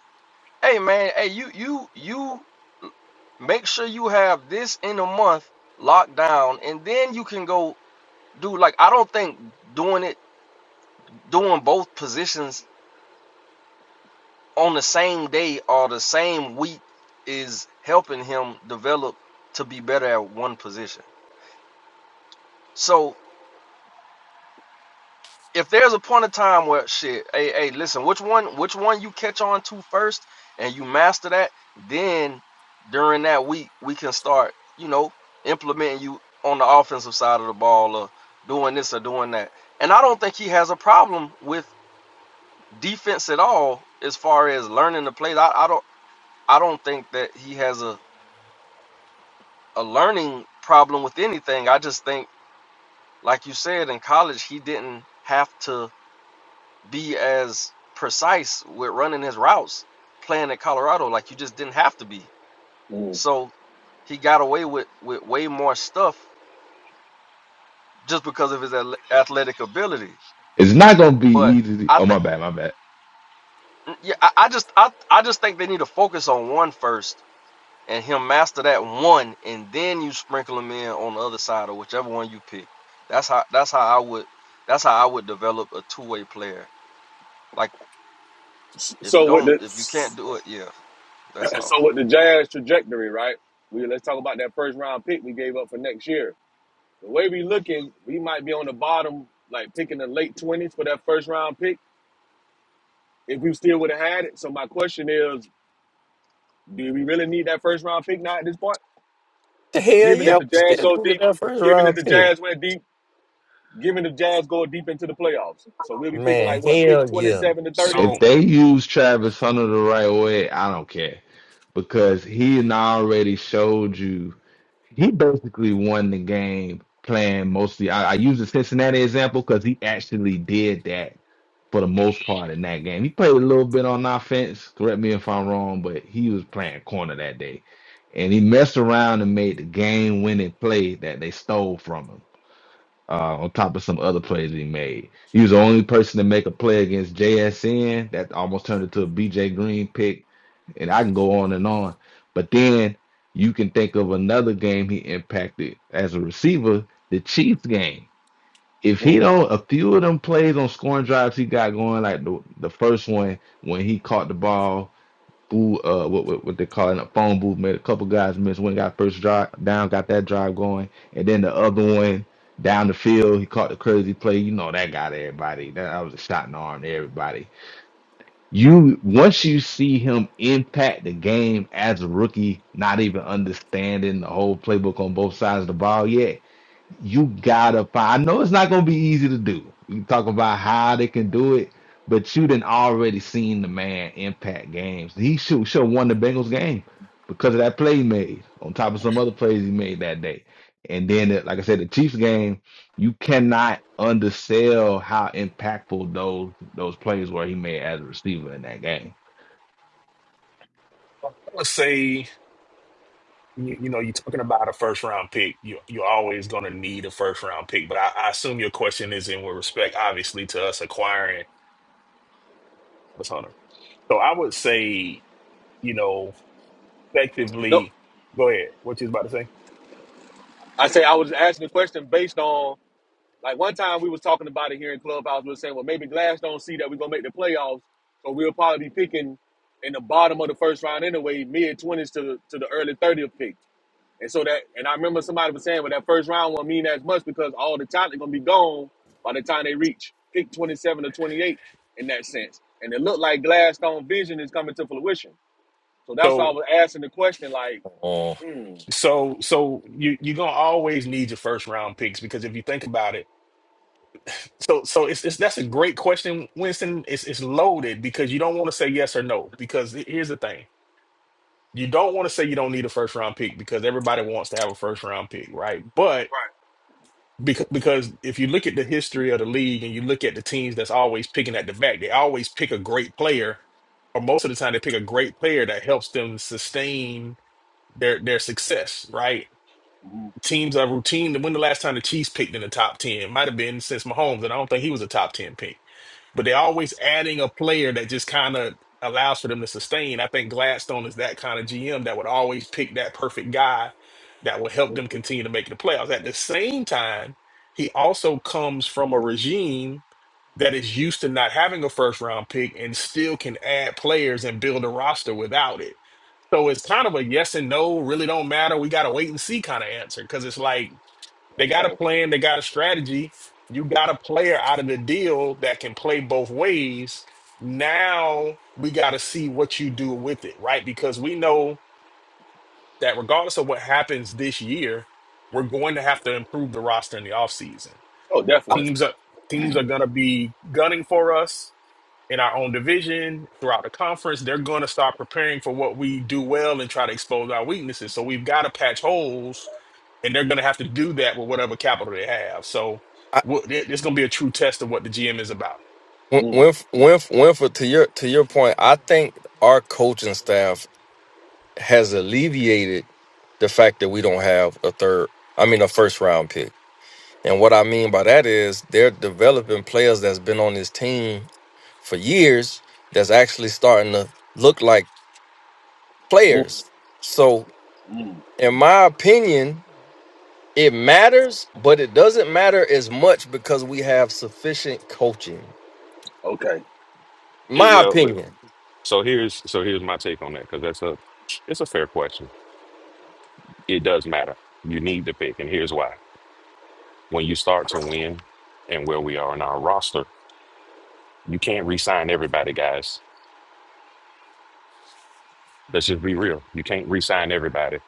E: Hey man, hey you you you make sure you have this in a month locked down, and then you can go do like I don't think doing it doing both positions on the same day or the same week is helping him develop to be better at one position. So if there's a point of time where shit, hey, hey, listen, which one which one you catch on to first and you master that, then during that week we can start, you know, implementing you on the offensive side of the ball or doing this or doing that. And I don't think he has a problem with defense at all as far as learning the plays. I, I don't I don't think that he has a a learning problem with anything. I just think, like you said, in college, he didn't have to be as precise with running his routes playing at Colorado. Like you just didn't have to be.
G: mm.
E: So he got away with, with way more stuff just because of his athletic ability.
B: It's not gonna be
E: But
B: easy.
E: I
B: oh
E: think,
B: my bad, my bad.
E: yeah, I, I just, I, I just think they need to focus on one first and him master that one, and then you sprinkle him in on the other side or whichever one you pick. That's how that's how I would that's how I would develop a two way player. Like
G: S-
E: if you
G: So with
E: don't
G: the
E: if you can't
G: s-
E: do it, yeah, that's all.
G: so with the Jazz trajectory, right? We let's talk about that first round pick we gave up for next year The way we looking, we might be on the bottom, like picking the late twenties for that first round pick. If we still would have had it. So my question is, do we really need that first round pick now at this point?
E: The hell
G: Given
E: yeah,
G: that the
E: we
G: Jazz
E: still
G: go
E: do get
G: deep,
E: that first
G: given that
E: round
G: the
E: pick.
G: Jazz went deep, given the Jazz go deep into the playoffs. So we'll be picking
E: Man,
G: like what, pick
E: hell
G: twenty
E: yeah.
G: seven to thirty?
B: If
A: So
B: they use Travis Hunter the right way, I don't care. Because he done already showed you he basically won the game playing mostly. I, I use the Cincinnati example because he actually did that for the most part in that game. He played a little bit on offense. Correct me if I'm wrong, but he was playing corner that day, and he messed around and made the game-winning play that they stole from him uh, on top of some other plays he made. He was the only person to make a play against JSN that almost turned into a BJ Green pick, and I can go on and on. But then you can think of another game he impacted as a receiver, the Chiefs game. If he
G: Mm.
B: don't, a few of them plays on scoring drives he got going, like the, the first one when he caught the ball Boo, uh, what, what what they call it, a phone booth. Made a couple guys miss. One got first drive down, got that drive going, and then the other one down the field, he caught the crazy play. You know that got everybody. That, that was a shot in the arm to everybody. You once you see him impact the game as a rookie, not even understanding the whole playbook on both sides of the ball yet, you gotta find. I know it's not gonna be easy to do. You talk about how they can do it, but you done already seen the man impact games. He should should have won the Bengals game because of that play he made on top of some other plays he made that day. And then, like I said, the Chiefs game you cannot undersell how impactful those those plays were he made as a receiver in that game.
A: let's say you, you know you're talking about a first round pick. You you're always gonna need a first round pick. But I, I assume your question is in with respect, obviously, to us acquiring Miss hunter. So I would say, you know,
G: Nope,
A: effectively. Go ahead. What you was about to say?
G: I say I was asking the question based on Like one time we was talking about it here in Clubhouse, we were saying, well, maybe Glass don't see that we're gonna make the playoffs, so we'll probably be picking in the bottom of the first round anyway, mid twenties to to the early thirtieth pick. And so that, and I remember somebody was saying, well, that first round won't mean as much because all the talent gonna be gone by the time they reach pick twenty seven or twenty eight in that sense. And it looked like Gladstone vision is coming to fruition. So that's why I
A: So
G: was asking the question, like,
E: Uh,
G: mm,
A: so so you you're gonna always need your first round picks because if you think about it, so so it's, it's that's a great question, Winston. It's it's loaded because you don't want to say yes or no because he- here's the thing. You don't want to say you don't need a first round pick because everybody wants to have a first round pick, right? But
G: right,
A: because because if you look at the history of the league and you look at the teams that's always picking at the back, they always pick a great player, or most of the time they pick a great player that helps them sustain their their success, right?
G: mm,
A: Teams are routine. When the last time the Chiefs picked in the top 10? Might have been since Mahomes, and I don't think he was a top 10 pick. But they're always adding a player that just kind of allows for them to sustain. I think Gladstone is that kind of GM that would always pick that perfect guy that will help them continue to make the playoffs. At the same time, he also comes from a regime that is used to not having a first round pick and still can add players and build a roster without it. So it's kind of a yes and no, really don't matter. We got to wait and see kind of answer because it's like, they got a
G: okay,
A: plan, they got a strategy. You got a player out of the deal that can play both ways. Now we got to see what you do with it, right? Because we know that regardless of what happens this year, we're going to have to improve the roster in the offseason.
G: oh,
E: I,
G: definitely,
A: Teams are teams are going to be gunning for us in our own division throughout the conference. They're going to start preparing for what we do well and try to expose our weaknesses. So we've got to patch holes and they're going to have to do that with whatever capital they have. So
E: I,
A: wha- it- it's going to be a true test of what the GM is about.
E: Win-
G: mm,
E: Winf, Winf, Winford, to your to your point, I think our coaching staff has alleviated the fact that we don't have a third. I mean, a first round pick. And what I mean by that is they're developing players that's been on this team for years that's actually starting to look like
G: mm,
E: players. So,
G: mm,
E: in my opinion, it matters, but it doesn't matter as much because we have sufficient coaching.
G: okay,
C: It,
E: My
C: well, look,
E: opinion.
C: so here's so here's my take on that because that's a it's a fair question. It does matter. You need to pick, and here's why. When you start to win, and where we are in our roster, you can't re-sign everybody, guys. Let's just be real. You can't re-sign everybody.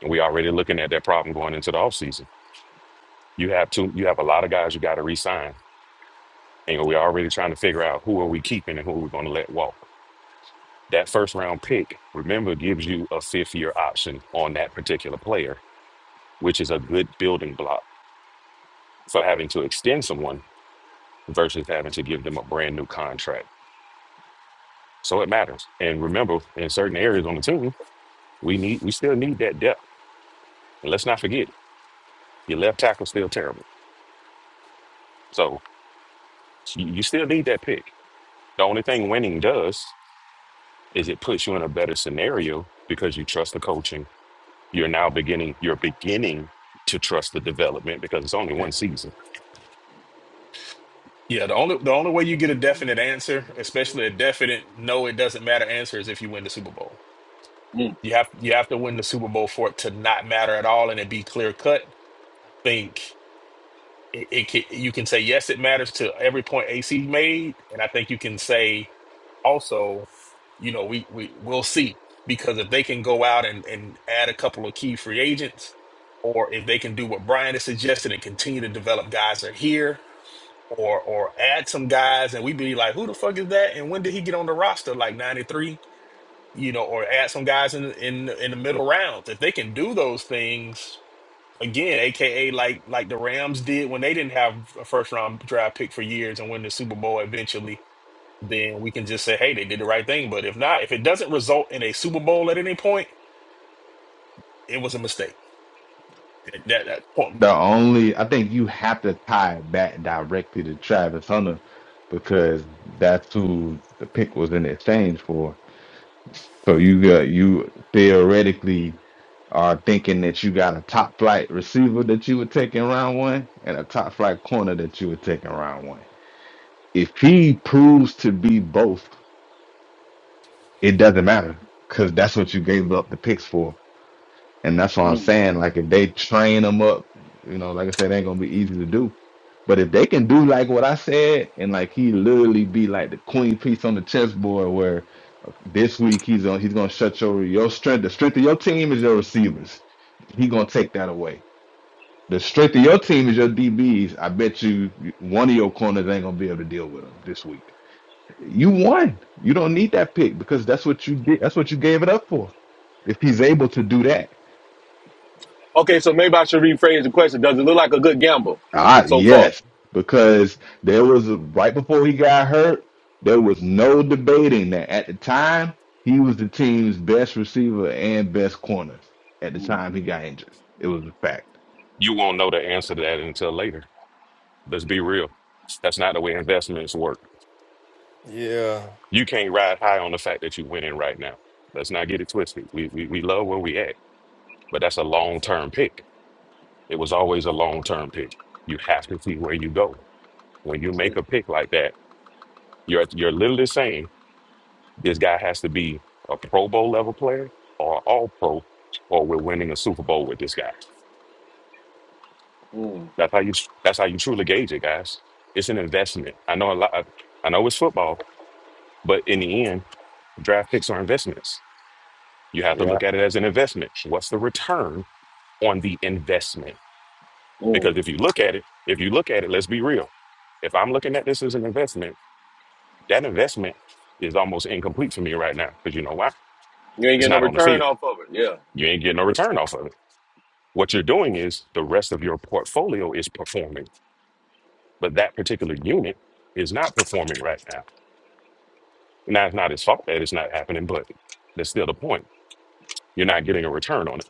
C: And we already looking at that problem going into the offseason. You have two, you have a lot of guys you got to re-sign. And we're already trying to figure out who are we keeping and who are we going to let walk. That first round pick, remember, gives you a fifth year option on that particular player, which is a good building block for having to extend someone versus having to give them a brand new contract. So it matters. And remember, in certain areas on the team, we need we still need that depth. And let's not forget, your left tackle's still terrible. So you you still need that pick. The only thing winning does is it puts you in a better scenario because you trust the coaching. You're now beginning, you're beginning to trust the development because it's only
A: Yeah,
C: one season.
A: Yeah, the only the only way you get a definite answer, especially a definite no, it doesn't matter answer, is if you win the Super Bowl.
G: mm,
A: You have you have to win the Super Bowl for it to not matter at all and it be clear cut. Think. it, it can, you can say yes, it matters to every point AC made, and I think you can say also, you know, we we we'll see because if they can go out and and add a couple of key free agents, or if they can do what Brian has suggested and continue to develop guys that are here, or or add some guys, and we be like, who the fuck is that, and when did he get on the roster? Like ninety three, you know, or add some guys in in in the middle rounds. If they can do those things Again, AKA like like the Rams did when they didn't have a first round draft pick for years and win the Super Bowl eventually, then we can just say, hey, they did the right thing. But if not, if it doesn't result in a Super Bowl at any point, it was a mistake. That that, that point.
B: The only I think you have to tie it back directly to Travis Hunter because that's who the pick was in exchange for. So you got you theoretically are thinking that you got a top flight receiver that you would take in round one and a top flight corner that you would take in round one. If he proves to be both it doesn't matter because that's what you gave up the picks for. And that's what I'm
G: mm.
B: saying. Like if they train them up, you know, like I said, it ain't gonna be easy to do. But if they can do like what I said, and like he literally be like the queen piece on the chessboard, where uh, this week he's on, he's gonna shut your your strength. The strength of your team is your receivers. He gonna take that away. The strength of your team is your DBs. I bet you you- one of your corners ain't gonna be able to deal with them this week. You won. You don't need that pick because that's what you did. That's what you gave it up for. If he's able to do that,
G: Okay, so maybe I should rephrase the question. Does it look like a good gamble
B: ah,
G: so far?
B: yes, because there was a, right before he got hurt, there was no debating that at the time he was the team's best receiver and best corner. At the time he got injured, it was a fact.
C: You won't know the answer to that until later. Let's be real. That's not the way investments work.
E: Yeah.
C: You can't ride high on the fact that you're winning right now. Let's not get it twisted. We we, we love where we at, but that's a long term pick. It was always a long term pick. You have to see where you go. When you make a pick like that, you're you're literally saying This guy has to be a Pro Bowl level player or All Pro, or we're winning a Super Bowl with this guy.
G: Mm,
C: That's how you. That's how you truly gauge it, guys. It's an investment. I know a lot. I know it's football, but in the end, draft picks are investments. You have to
E: Yeah.
C: look at it as an investment. What's the return on the investment?
G: mm,
C: Because if you look at it, if you look at it, let's be real. If I'm looking at this as an investment, that investment is almost incomplete for me right now. Because you know why?
G: You ain't
C: It's
G: getting no
C: not on the
G: return
C: field.
G: off of it. Yeah,
C: You ain't getting no return off of it. What you're doing is the rest of your portfolio is performing, but that particular unit is not performing right now. Now, it's not his fault that it's not happening, but that's still the point. You're not getting a return on it.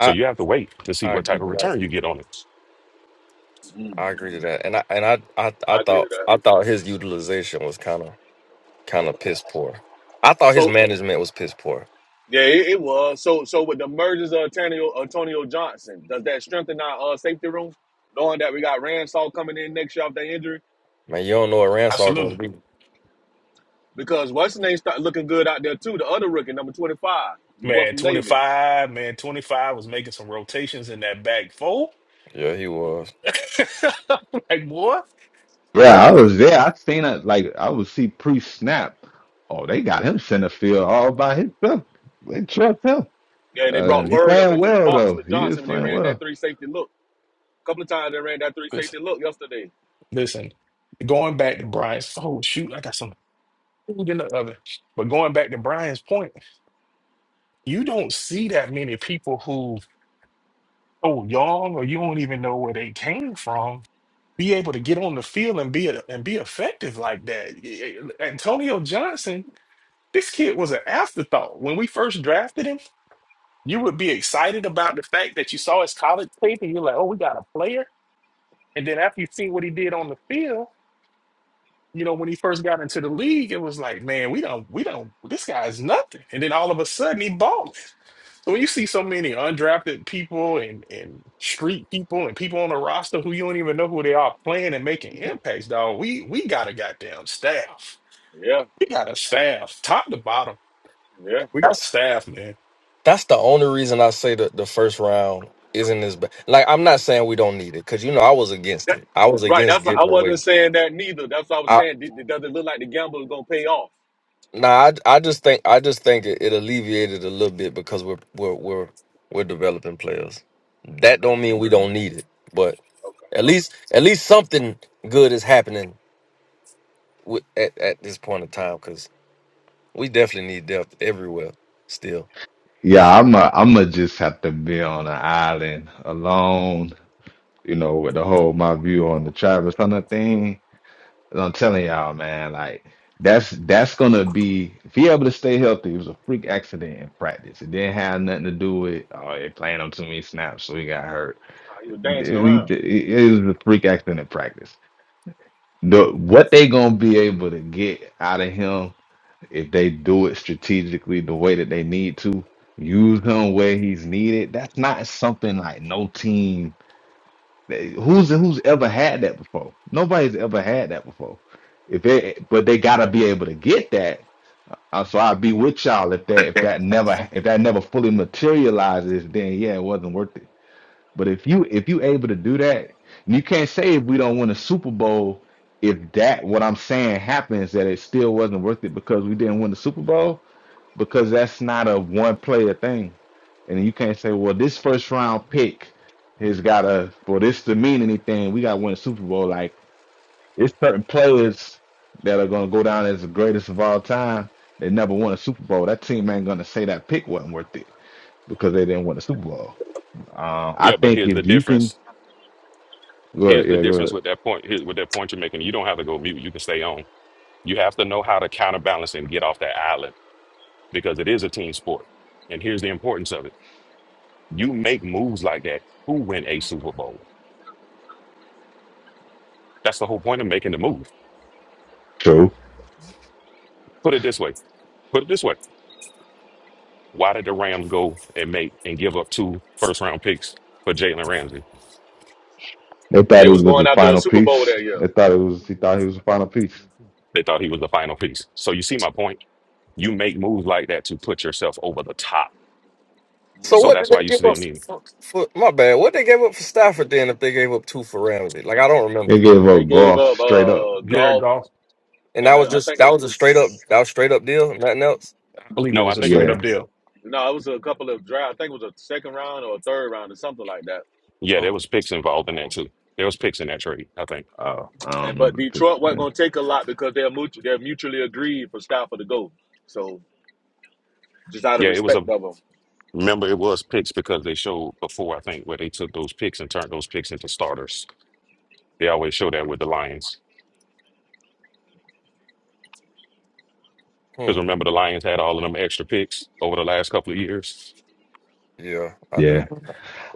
C: So you have to wait to
E: I
C: see what
E: agree
C: type of
E: with that.
C: return you get on it.
G: mm.
E: I agree to that. And I and I, I I
G: I agree
E: thought
G: with that.
E: I thought his utilization was kind of kind of piss poor. I thought his
G: So
E: management was piss poor.
G: yeah, it, it was. So so with the mergers of Antonio, Antonio Johnson, does that strengthen our uh, safety room? Knowing that we got Ransaw coming in next year off that injury,
E: Man, you don't know what Ransar gonna
A: Absolutely.
E: be.
G: because what's his name start looking good out there too. The other rookie, number twenty five, the boy
A: Man,
G: from Navy.
A: 25, man, 25 was making some rotations in that back four.
E: Yeah, he was.
A: like, boy,
B: Yeah, I
A: love it.
B: was there. I seen it. Like I would see pre-snap. Oh, they got him center field all by himself. They trust him.
G: Yeah, and they
B: Uh,
A: But
G: brought
B: he
A: yeah,
G: Murray up
B: playing
G: into the
B: well
G: box
B: though.
G: with
B: He is
G: Johnson, and they
B: playing
G: ran
B: well.
G: that three safety look. A couple of times they ran that three
A: listen,
G: safety look yesterday.
A: listen, going back to Brian's, oh shoot, I got some food in the oven. But going back to Brian's point. you don't see that many people who oh, young or you don't even know where they came from be able to get on the field and be a, and be effective like that. Y- y- Antonio Johnson, this kid was an afterthought. When we first drafted him, you would be excited about the fact that you saw his college tape and you're like, "Oh, we got a player." And then after you see what he did on the field, you know, when he first got into the league, it was like, man, we don't, we don't, this guy's nothing. And then all of a sudden, he balling. So when you see so many undrafted people and and street people and people on the roster who you don't even know who they are playing and making impacts, dog, we we got a goddamn staff.
G: Yeah,
A: We got a staff, top to bottom.
G: yeah.
A: We got
E: That's
A: staff, man.
E: that's the only reason I say that the first round isn't as bad. Like I'm not saying we don't need it because you know I was against
G: That,
E: it. I was
G: right.
E: against
G: That's why I
E: getting
G: wasn't
E: away.
G: saying that neither. That's what I was
E: I
G: saying. Did, does it look like the gamble is gonna pay off?
E: nah, I, I just think I just think it, it alleviated a little bit because we're we're we're we're developing players. That
G: Okay.
E: don't mean we don't need it, but
G: Okay.
E: at least at least something good is happening with, at at this point in time because we definitely need depth everywhere. Still,
B: Yeah,
E: shit.
B: I'm a, I'm gonna just have to be on an island alone, you know, with the whole my view on the Travis Hunter thing. And I'm telling y'all, man, like that's that's gonna be if he able to stay healthy. It was a freak accident in practice. It didn't have nothing to do with oh, they playing him too many snaps, so he got hurt.
G: Ah, He was dancing
B: It, it-
G: around.
B: it was a freak accident in practice. The what they gonna be able to get out of him if they do it strategically the way that they need to, use him where he's needed. That's not something like no team they- who's who's ever had that before. Nobody's ever had that before. If it, but they gotta be able to get that. Uh, so I'll be with y'all if that if that never if that never fully materializes, then yeah, it wasn't worth it. But if you if you able to do that, and you can't say if we don't win a Super Bowl, if that what I'm saying happens, that it still wasn't worth it because we didn't win the Super Bowl, because that's not a one player thing. And you can't say, well, this first round pick has got to for this to mean anything, we gotta win a Super Bowl. Like it's certain players that are gonna go down as the greatest of all time. They never won a Super Bowl. That team ain't gonna say that pick wasn't worth it because they didn't win a Super Bowl. Um, I
C: Yeah, but
B: think
C: here's the
B: if you can
C: difference.
B: Good,
C: Here's the
B: yeah,
C: difference
B: good.
C: with that point. Here, with that point you're making, you don't have to go mute. You can stay on. You have to know how to counterbalance and get off that island because it is a team sport. And here's the importance of it: you make moves like that. Who win a Super Bowl? That's the whole point of making the move.
B: True.
C: Put it this way. Put it this way. Why did the Rams go and make and give up two first round picks for Jalen Ramsey?
B: They thought
G: They
B: he
G: was
B: was
G: going
B: the
G: out after a
B: final
G: Super Bowl
B: piece.
G: that year.
B: They thought it was. He thought he was the final piece.
C: They thought he was the final piece. So you see my point. You make moves like that to put yourself over the top
E: So
G: Mm.
C: So
E: what
C: that's
E: did
C: why
E: they
C: you
E: give up
C: still need
E: for, for my bad? What they gave up for Stafford then if they gave up two for Ramsey? Like I don't remember.
B: They gave
G: They
C: him.
B: up
G: gave
B: golf
G: up
B: straight up.
G: uh
A: Jared
G: golf
A: Goff,
E: And that
G: and uh,
E: was
G: I
E: just
G: think
E: that
G: it,
E: was a straight up that was straight up deal, nothing else.
A: I believe it
C: No, I
A: was a
C: think it
A: straight
C: was
B: Yeah.
A: up deal.
G: no, it was a couple of draft. I think it was a second round or a third round or something like that.
C: yeah,
E: Oh
C: there was picks involved in that too. There was picks in that trade, I think.
B: Oh, I don't
G: And but
B: remember the
G: Detroit wasn't
B: picture.
G: gonna take a lot because they're mutu- they're mutually agreed for Stafford to go. So just out of
C: Yeah, it was a
G: respect of them.
C: remember it was picks because they showed before, I think, where they took those picks and turned those picks into starters. They always show that with the Lions.
E: hmm.
C: Because remember the Lions had all of them extra picks over the last couple of years.
E: Yeah, I
B: Yeah.
E: do.
B: Yeah.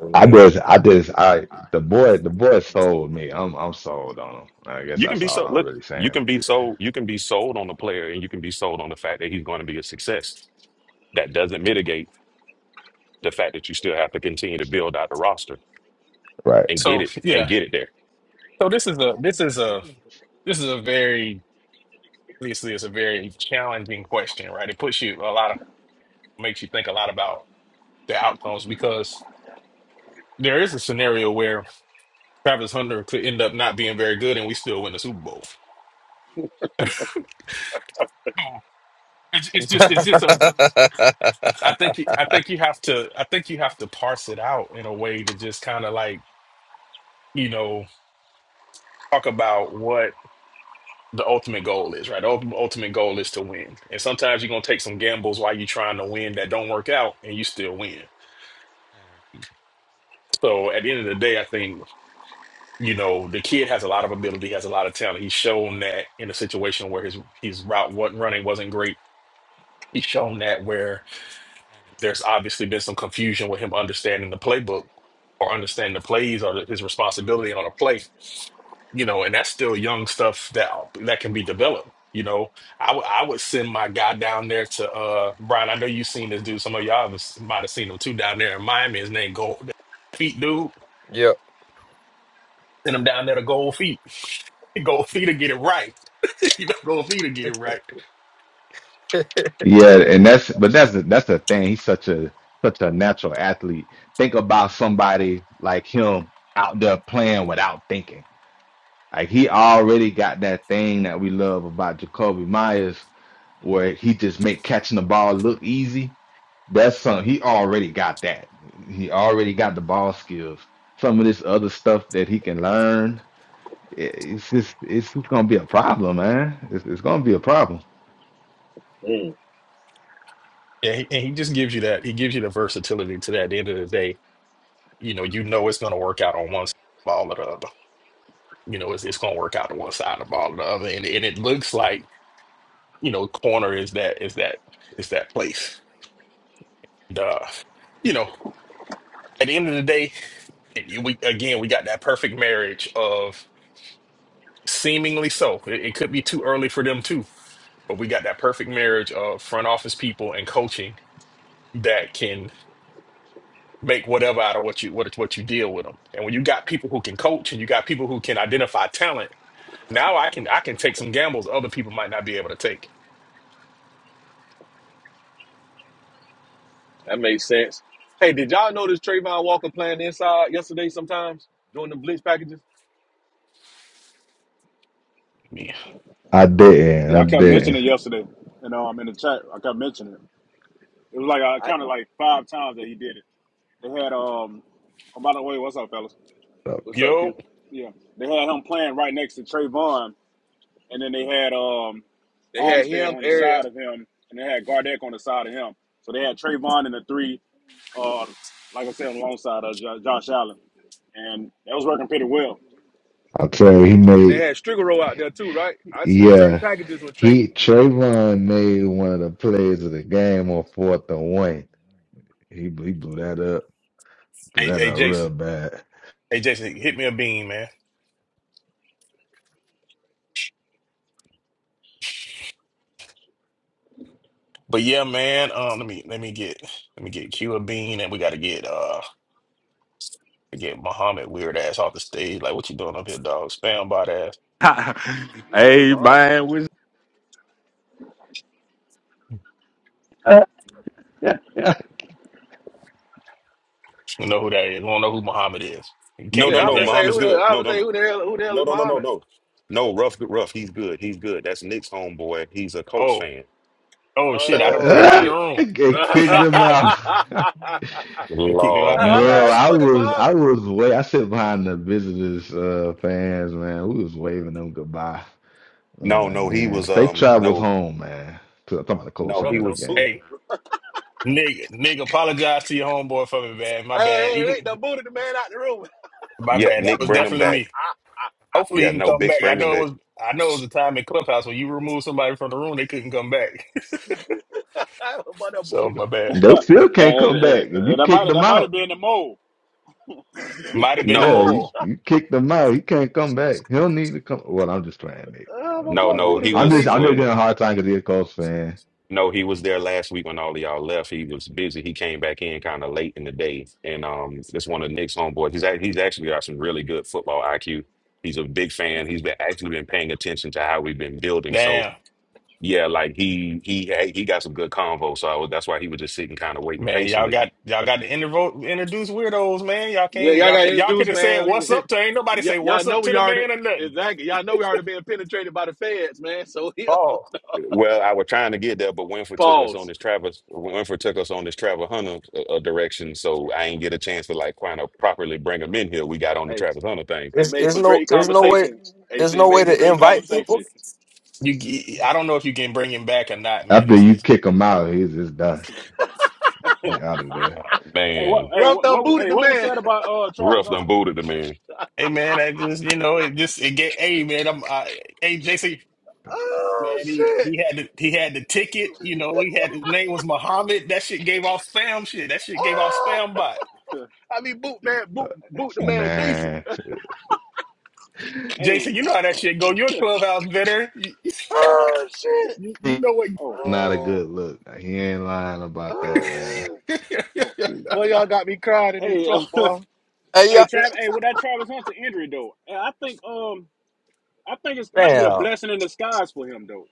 E: Oh,
B: I
E: Yeah.
B: just, I just, I the boy, the boy sold me. I'm, I'm sold on him. I guess
C: You can
B: that's
C: be
B: all
C: so
B: I'm
C: look,
B: really
C: you
B: saying.
C: can be so you can be sold on the player and you can be sold on the fact that he's going to be a success. That doesn't mitigate the fact that you still have to continue to build out the roster
B: Right.
C: and get
A: So
C: it and
A: yeah,
C: get it there.
A: so this is a this is a this is a very obviously it's a very challenging question, right? It puts you a lot of makes you think a lot about the outcomes because there is a scenario where Travis Hunter could end up not being very good and we still win the Super Bowl. Oh, It's, it's just it's just a I think you- I think you have to I think you have to parse it out in a way to just kind of like you know talk about what the ultimate goal is right the ultimate, ultimate goal is to win and sometimes you're gonna take some gambles while you're trying to win that don't work out and you still win so at the end of the day I think you know, the kid has a lot of ability, has a lot of talent. He's shown that in a situation where his his route wasn't running wasn't great. He's shown that where there's obviously been some confusion with him understanding the playbook or understanding the plays or his responsibility on a play, you know, and that's still young stuff that that can be developed. You know, I would I would send my guy down there to uh Brian. I know you've seen this dude. Some of y'all was- might have seen him too down there in Miami. His name Gold Feet dude.
E: yeah.
A: Send him down there to Gold Feet. Gold Feet to get it right. you know, Gold Feet to get it right.
B: Yeah, and that's, but that's, the- that's the thing. He's such a, such a natural athlete. Think about somebody like him out there playing without thinking. Like he already got that thing that we love about Jacoby Myers, where he just make catching the ball look easy. That's something he already got that. He already got the ball skills. Some of this other stuff that he can learn, i- it's just it's just gonna be a problem, man. It's, it's gonna be a problem.
A: Yeah, he, and he just gives you that. He gives you the versatility to that. At the end of the day, you know, you know it's going to work out on one side of the ball or the other. You know, it's it's going to work out on one side of the ball or the other, and and it looks like you know, corner is that is that is that place. Duh. You know, at the end of the day, and you- we again we got that perfect marriage of. Seemingly so. It, it could be too early for them too. But we got that perfect marriage of front office people and coaching that can make whatever out of what you what what you deal with them. And when you got people who can coach and you got people who can identify talent, now I can I can take some gambles other people might not be able to take.
G: That makes sense. Hey, did y'all notice Trayvon Walker playing inside yesterday sometimes doing the blitz packages?
A: Yeah.
B: I didn't.
H: Yeah,
B: I
H: I kept
B: didn't.
H: mentioning it yesterday, and um, in the chat, I kept mentioning it. It was like I
G: I
H: counted like five times that he did it. They had um, oh, by the way, what's up, fellas?
G: what's up, Q?
A: Yo,
H: Yeah, they had him playing right next to Trayvon, and then they had um,
G: They had him,
H: Armstead on the
G: Ariel,
H: side of him, and they had Gardeck on the side of him. So they had Trayvon and the three, uh, like I said, alongside of jo- Josh Allen, and that was working pretty well.
B: I'll tell you, he
G: and then they
B: made
G: had Strigaro out there too, right? I seen certain
B: yeah.
G: packages with Trey.
B: He Trayvon made one of the plays of the game on fourth and one. He he blew that up.
A: hey,
B: That
A: hey
B: not real
A: Jason,
B: bad.
A: hey Jason, hit me a bean, man. But yeah, man. Um, let me let me get let me get Q a bean, and we got to get uh get Muhammad weird ass off the stage. Like, what you doing up here, dog? Spam bot ass.
G: Who the hell is
I: Hey
G: Muhammad?
I: Amen.
B: yeah,
A: You know who that is. We don't know who Muhammad is. You
C: No,
A: can't
G: Yeah,
A: be
C: no,
G: I
C: no.
G: was
A: exact.
G: say
C: Muhammad's
G: who the
C: good.
G: I
C: No,
G: was
C: no,
G: say
C: no,
G: who the hell who the hell
C: no,
G: is
C: no, no, no,
G: Muhammad?
C: no. No, rough, rough. He's good. He's good. That's Nick's homeboy. He's a Colts
A: Oh,
C: fan.
A: oh shit! I don't put
G: Oh
A: him out the
G: shit.
A: room.
G: who
B: Get kicked
G: the
B: them out.
A: They Keep him
C: Lord
A: out. Of the
C: have
A: room.
B: Bro,
C: mercy.
B: I
G: fuck is
B: was
G: Muhammad?
B: I was way I sit behind the visitors uh fans, man. We was waving them goodbye. I was
C: No,
B: like,
C: no, he
B: man,
C: was.
B: they
C: Um,
B: travels
C: no,
B: home, man. So I'm talking about the Colts
C: no,
G: Ruff
B: fan
C: he
B: of the
G: done
C: was.
G: boot.
B: game.
A: Hey, nigga, nigga, apologize to your homeboy for me, man. My bad.
G: Hey,
A: He
G: hey, they
A: can,
G: done booted the man out the room.
A: my
C: Yeah,
A: bad. That
C: Nick,
A: was
C: bring him
A: definitely
C: back.
A: me. Hopefully, he
C: Yeah,
A: can
C: no,
A: come
C: Big,
A: back. I
C: bring him
A: know it
C: back.
A: was. I know it was a time in clubhouse when you removed somebody from the room, they couldn't come back.
G: my boy done
A: So
G: booted
A: my
G: him.
A: bad.
B: They still
H: That
B: can't come back. If
H: that
B: you
H: that
B: kick
H: might
B: them
H: that might have
B: out,
H: been the mold.
A: Might have been the
B: yeah,
C: No,
B: you,
A: mole.
B: you kick them out. He can't come back. He'll need to come. Well, I'm just playing, Nick.
G: Ah, my
B: I'm just
C: no,
G: boy
B: playing.
C: no.
G: booted
C: He
G: him
B: I'm
C: was.
B: just
G: decent.
B: I'm just getting a hard time because he's a Colts fan.
C: No, he was there last week when all of y'all left. He was busy. He came back in kind of late in the day, and um, that's one of Nick's homeboys. He's act- he's actually got some really good football IQ. He's a big fan. He's been actually been paying attention to how we've been building. So
A: Damn.
C: yeah, like he he had- he got some good convo. So I was, that's why he was just sitting, kind of waiting
A: Man, y'all
C: patiently.
A: got y'all got to intervo- introduce weirdos, man. Y'all
G: Yeah,
A: can't
G: y'all
A: y'all
G: got
A: could y'all could
G: introduced,
A: have
G: man.
A: said what's
G: We,
A: up to ain't nobody
G: y-
A: say
G: y'all
A: what's
G: know
A: up to
G: we
A: the
G: already
A: man or nothing.
G: exactly. Y'all know we already being penetrated by the feds, man. So he
A: Oh.
C: Well, I was trying to get there, but Winfrey took us on
G: pause.
C: this Travis Winfrey took us on this travel hunter uh, uh, direction, so I ain't get a chance to like kind of properly bring him in here. We got on the
G: Hey,
C: Travis Hunter thing.
G: they
E: There's,
G: made
E: there's
G: for
E: no
G: great
E: there's no way
G: conversation.
E: there's
G: AC
E: no way
G: made for
E: to
G: great
E: invite people.
G: conversation.
A: You, I don't know if you can bring him back or not, man.
B: After
A: It's,
B: you
A: it's
B: kick him out, he's just done.
H: hey,
B: He out of there.
C: Oh
H: what
C: man.
H: hey
G: Rough
H: what,
G: thumb
H: what
G: booted
H: hey
G: the
H: what was
G: man.
H: said about uh Travis
C: Ruff done
H: Hunter?
C: booted the man.
A: hey, man. I just, you know, it just, it get, hey, man. I'm, I, hey, JC,
G: Oh
A: man. He,
G: shit.
A: he had, the, he had the ticket. You know, he had his name was Muhammad. That shit gave off spam shit. That shit gave off
G: Oh,
A: spam bot.
G: I mean boot man,
B: Uh,
G: boot boot the man decent.
B: man,
H: hey,
A: JC, you know how that shit go. You're a clubhouse veteran. You,
G: Oh shit.
A: you, you
B: he
A: know what?
H: Oh,
B: not a good
G: Oh,
B: look. Like, He ain't lying about that, man.
G: oh.
H: oh.
G: Boy, y'all got me crying in this
H: Hey, uh,
G: truck, boy.
E: Hey
H: hey,
E: yeah.
G: I
H: Travis. Hey, with that Travis Hunter injury though, eh, I think um, I think it might be a
E: Damn.
H: blessing in disguise for him though.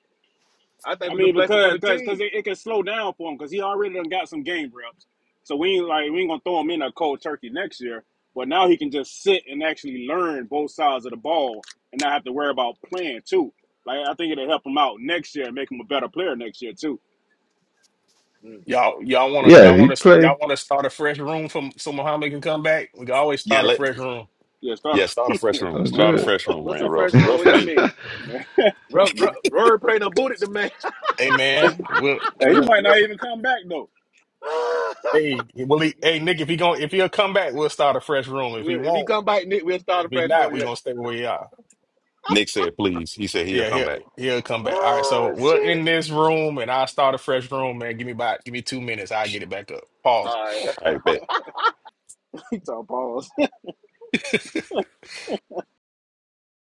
G: think it
H: I
G: was a
H: mean,
G: blessing for
H: because
G: the
H: because because
G: team.
H: it, it can slow down for him because he already done got some game reps. So we ain't like we ain't gonna throw him in a cold turkey next year. But now he can just sit and actually learn both sides of the ball and not have to worry about playing too. Like I think it'll help him out next year and make him a better player next year too.
G: Mm.
A: y'all, y'all wanna,
B: Yeah,
A: y'all
B: he
A: wanna,
B: play.
A: y'all wanna start a fresh room from so Muhammad can come back. We can always
C: Yeah,
A: start a
C: let
A: fresh room.
H: Yeah,
C: yeah,
H: start
C: start a
H: a,
C: fresh room.
B: Oh,
H: my,
C: Start a
B: good.
C: fresh room,
G: What's
C: man.
G: a
C: Ruff.
G: fresh room?
C: Ruff
G: What that
C: me.
G: mean?
H: man,
G: Ro- Rory prayed and booted the man.
A: Hey, man. We'll,
H: hey, he
A: we'll,
H: might
A: we'll,
H: not even come back though.
A: Hey, well, he, hey, Nick, if he going if he'll come back, we'll start a fresh room. If he
G: if he
A: won't,
G: come back, Nick, we'll start
A: if
G: a
A: he
G: press
A: not,
G: room.
A: we
G: Yeah.
A: gonna stay where we are.
C: Nick said please. He said he'll
A: Yeah,
C: come
A: he'll
C: back.
A: he'll come back. All right,
G: Oh
A: so we're in
G: shit!
A: this room, and I'll start a fresh room, man. Give me about give me two minutes. I'll get it back up. Pause.
G: All right.
C: I bet.
H: he talk pause.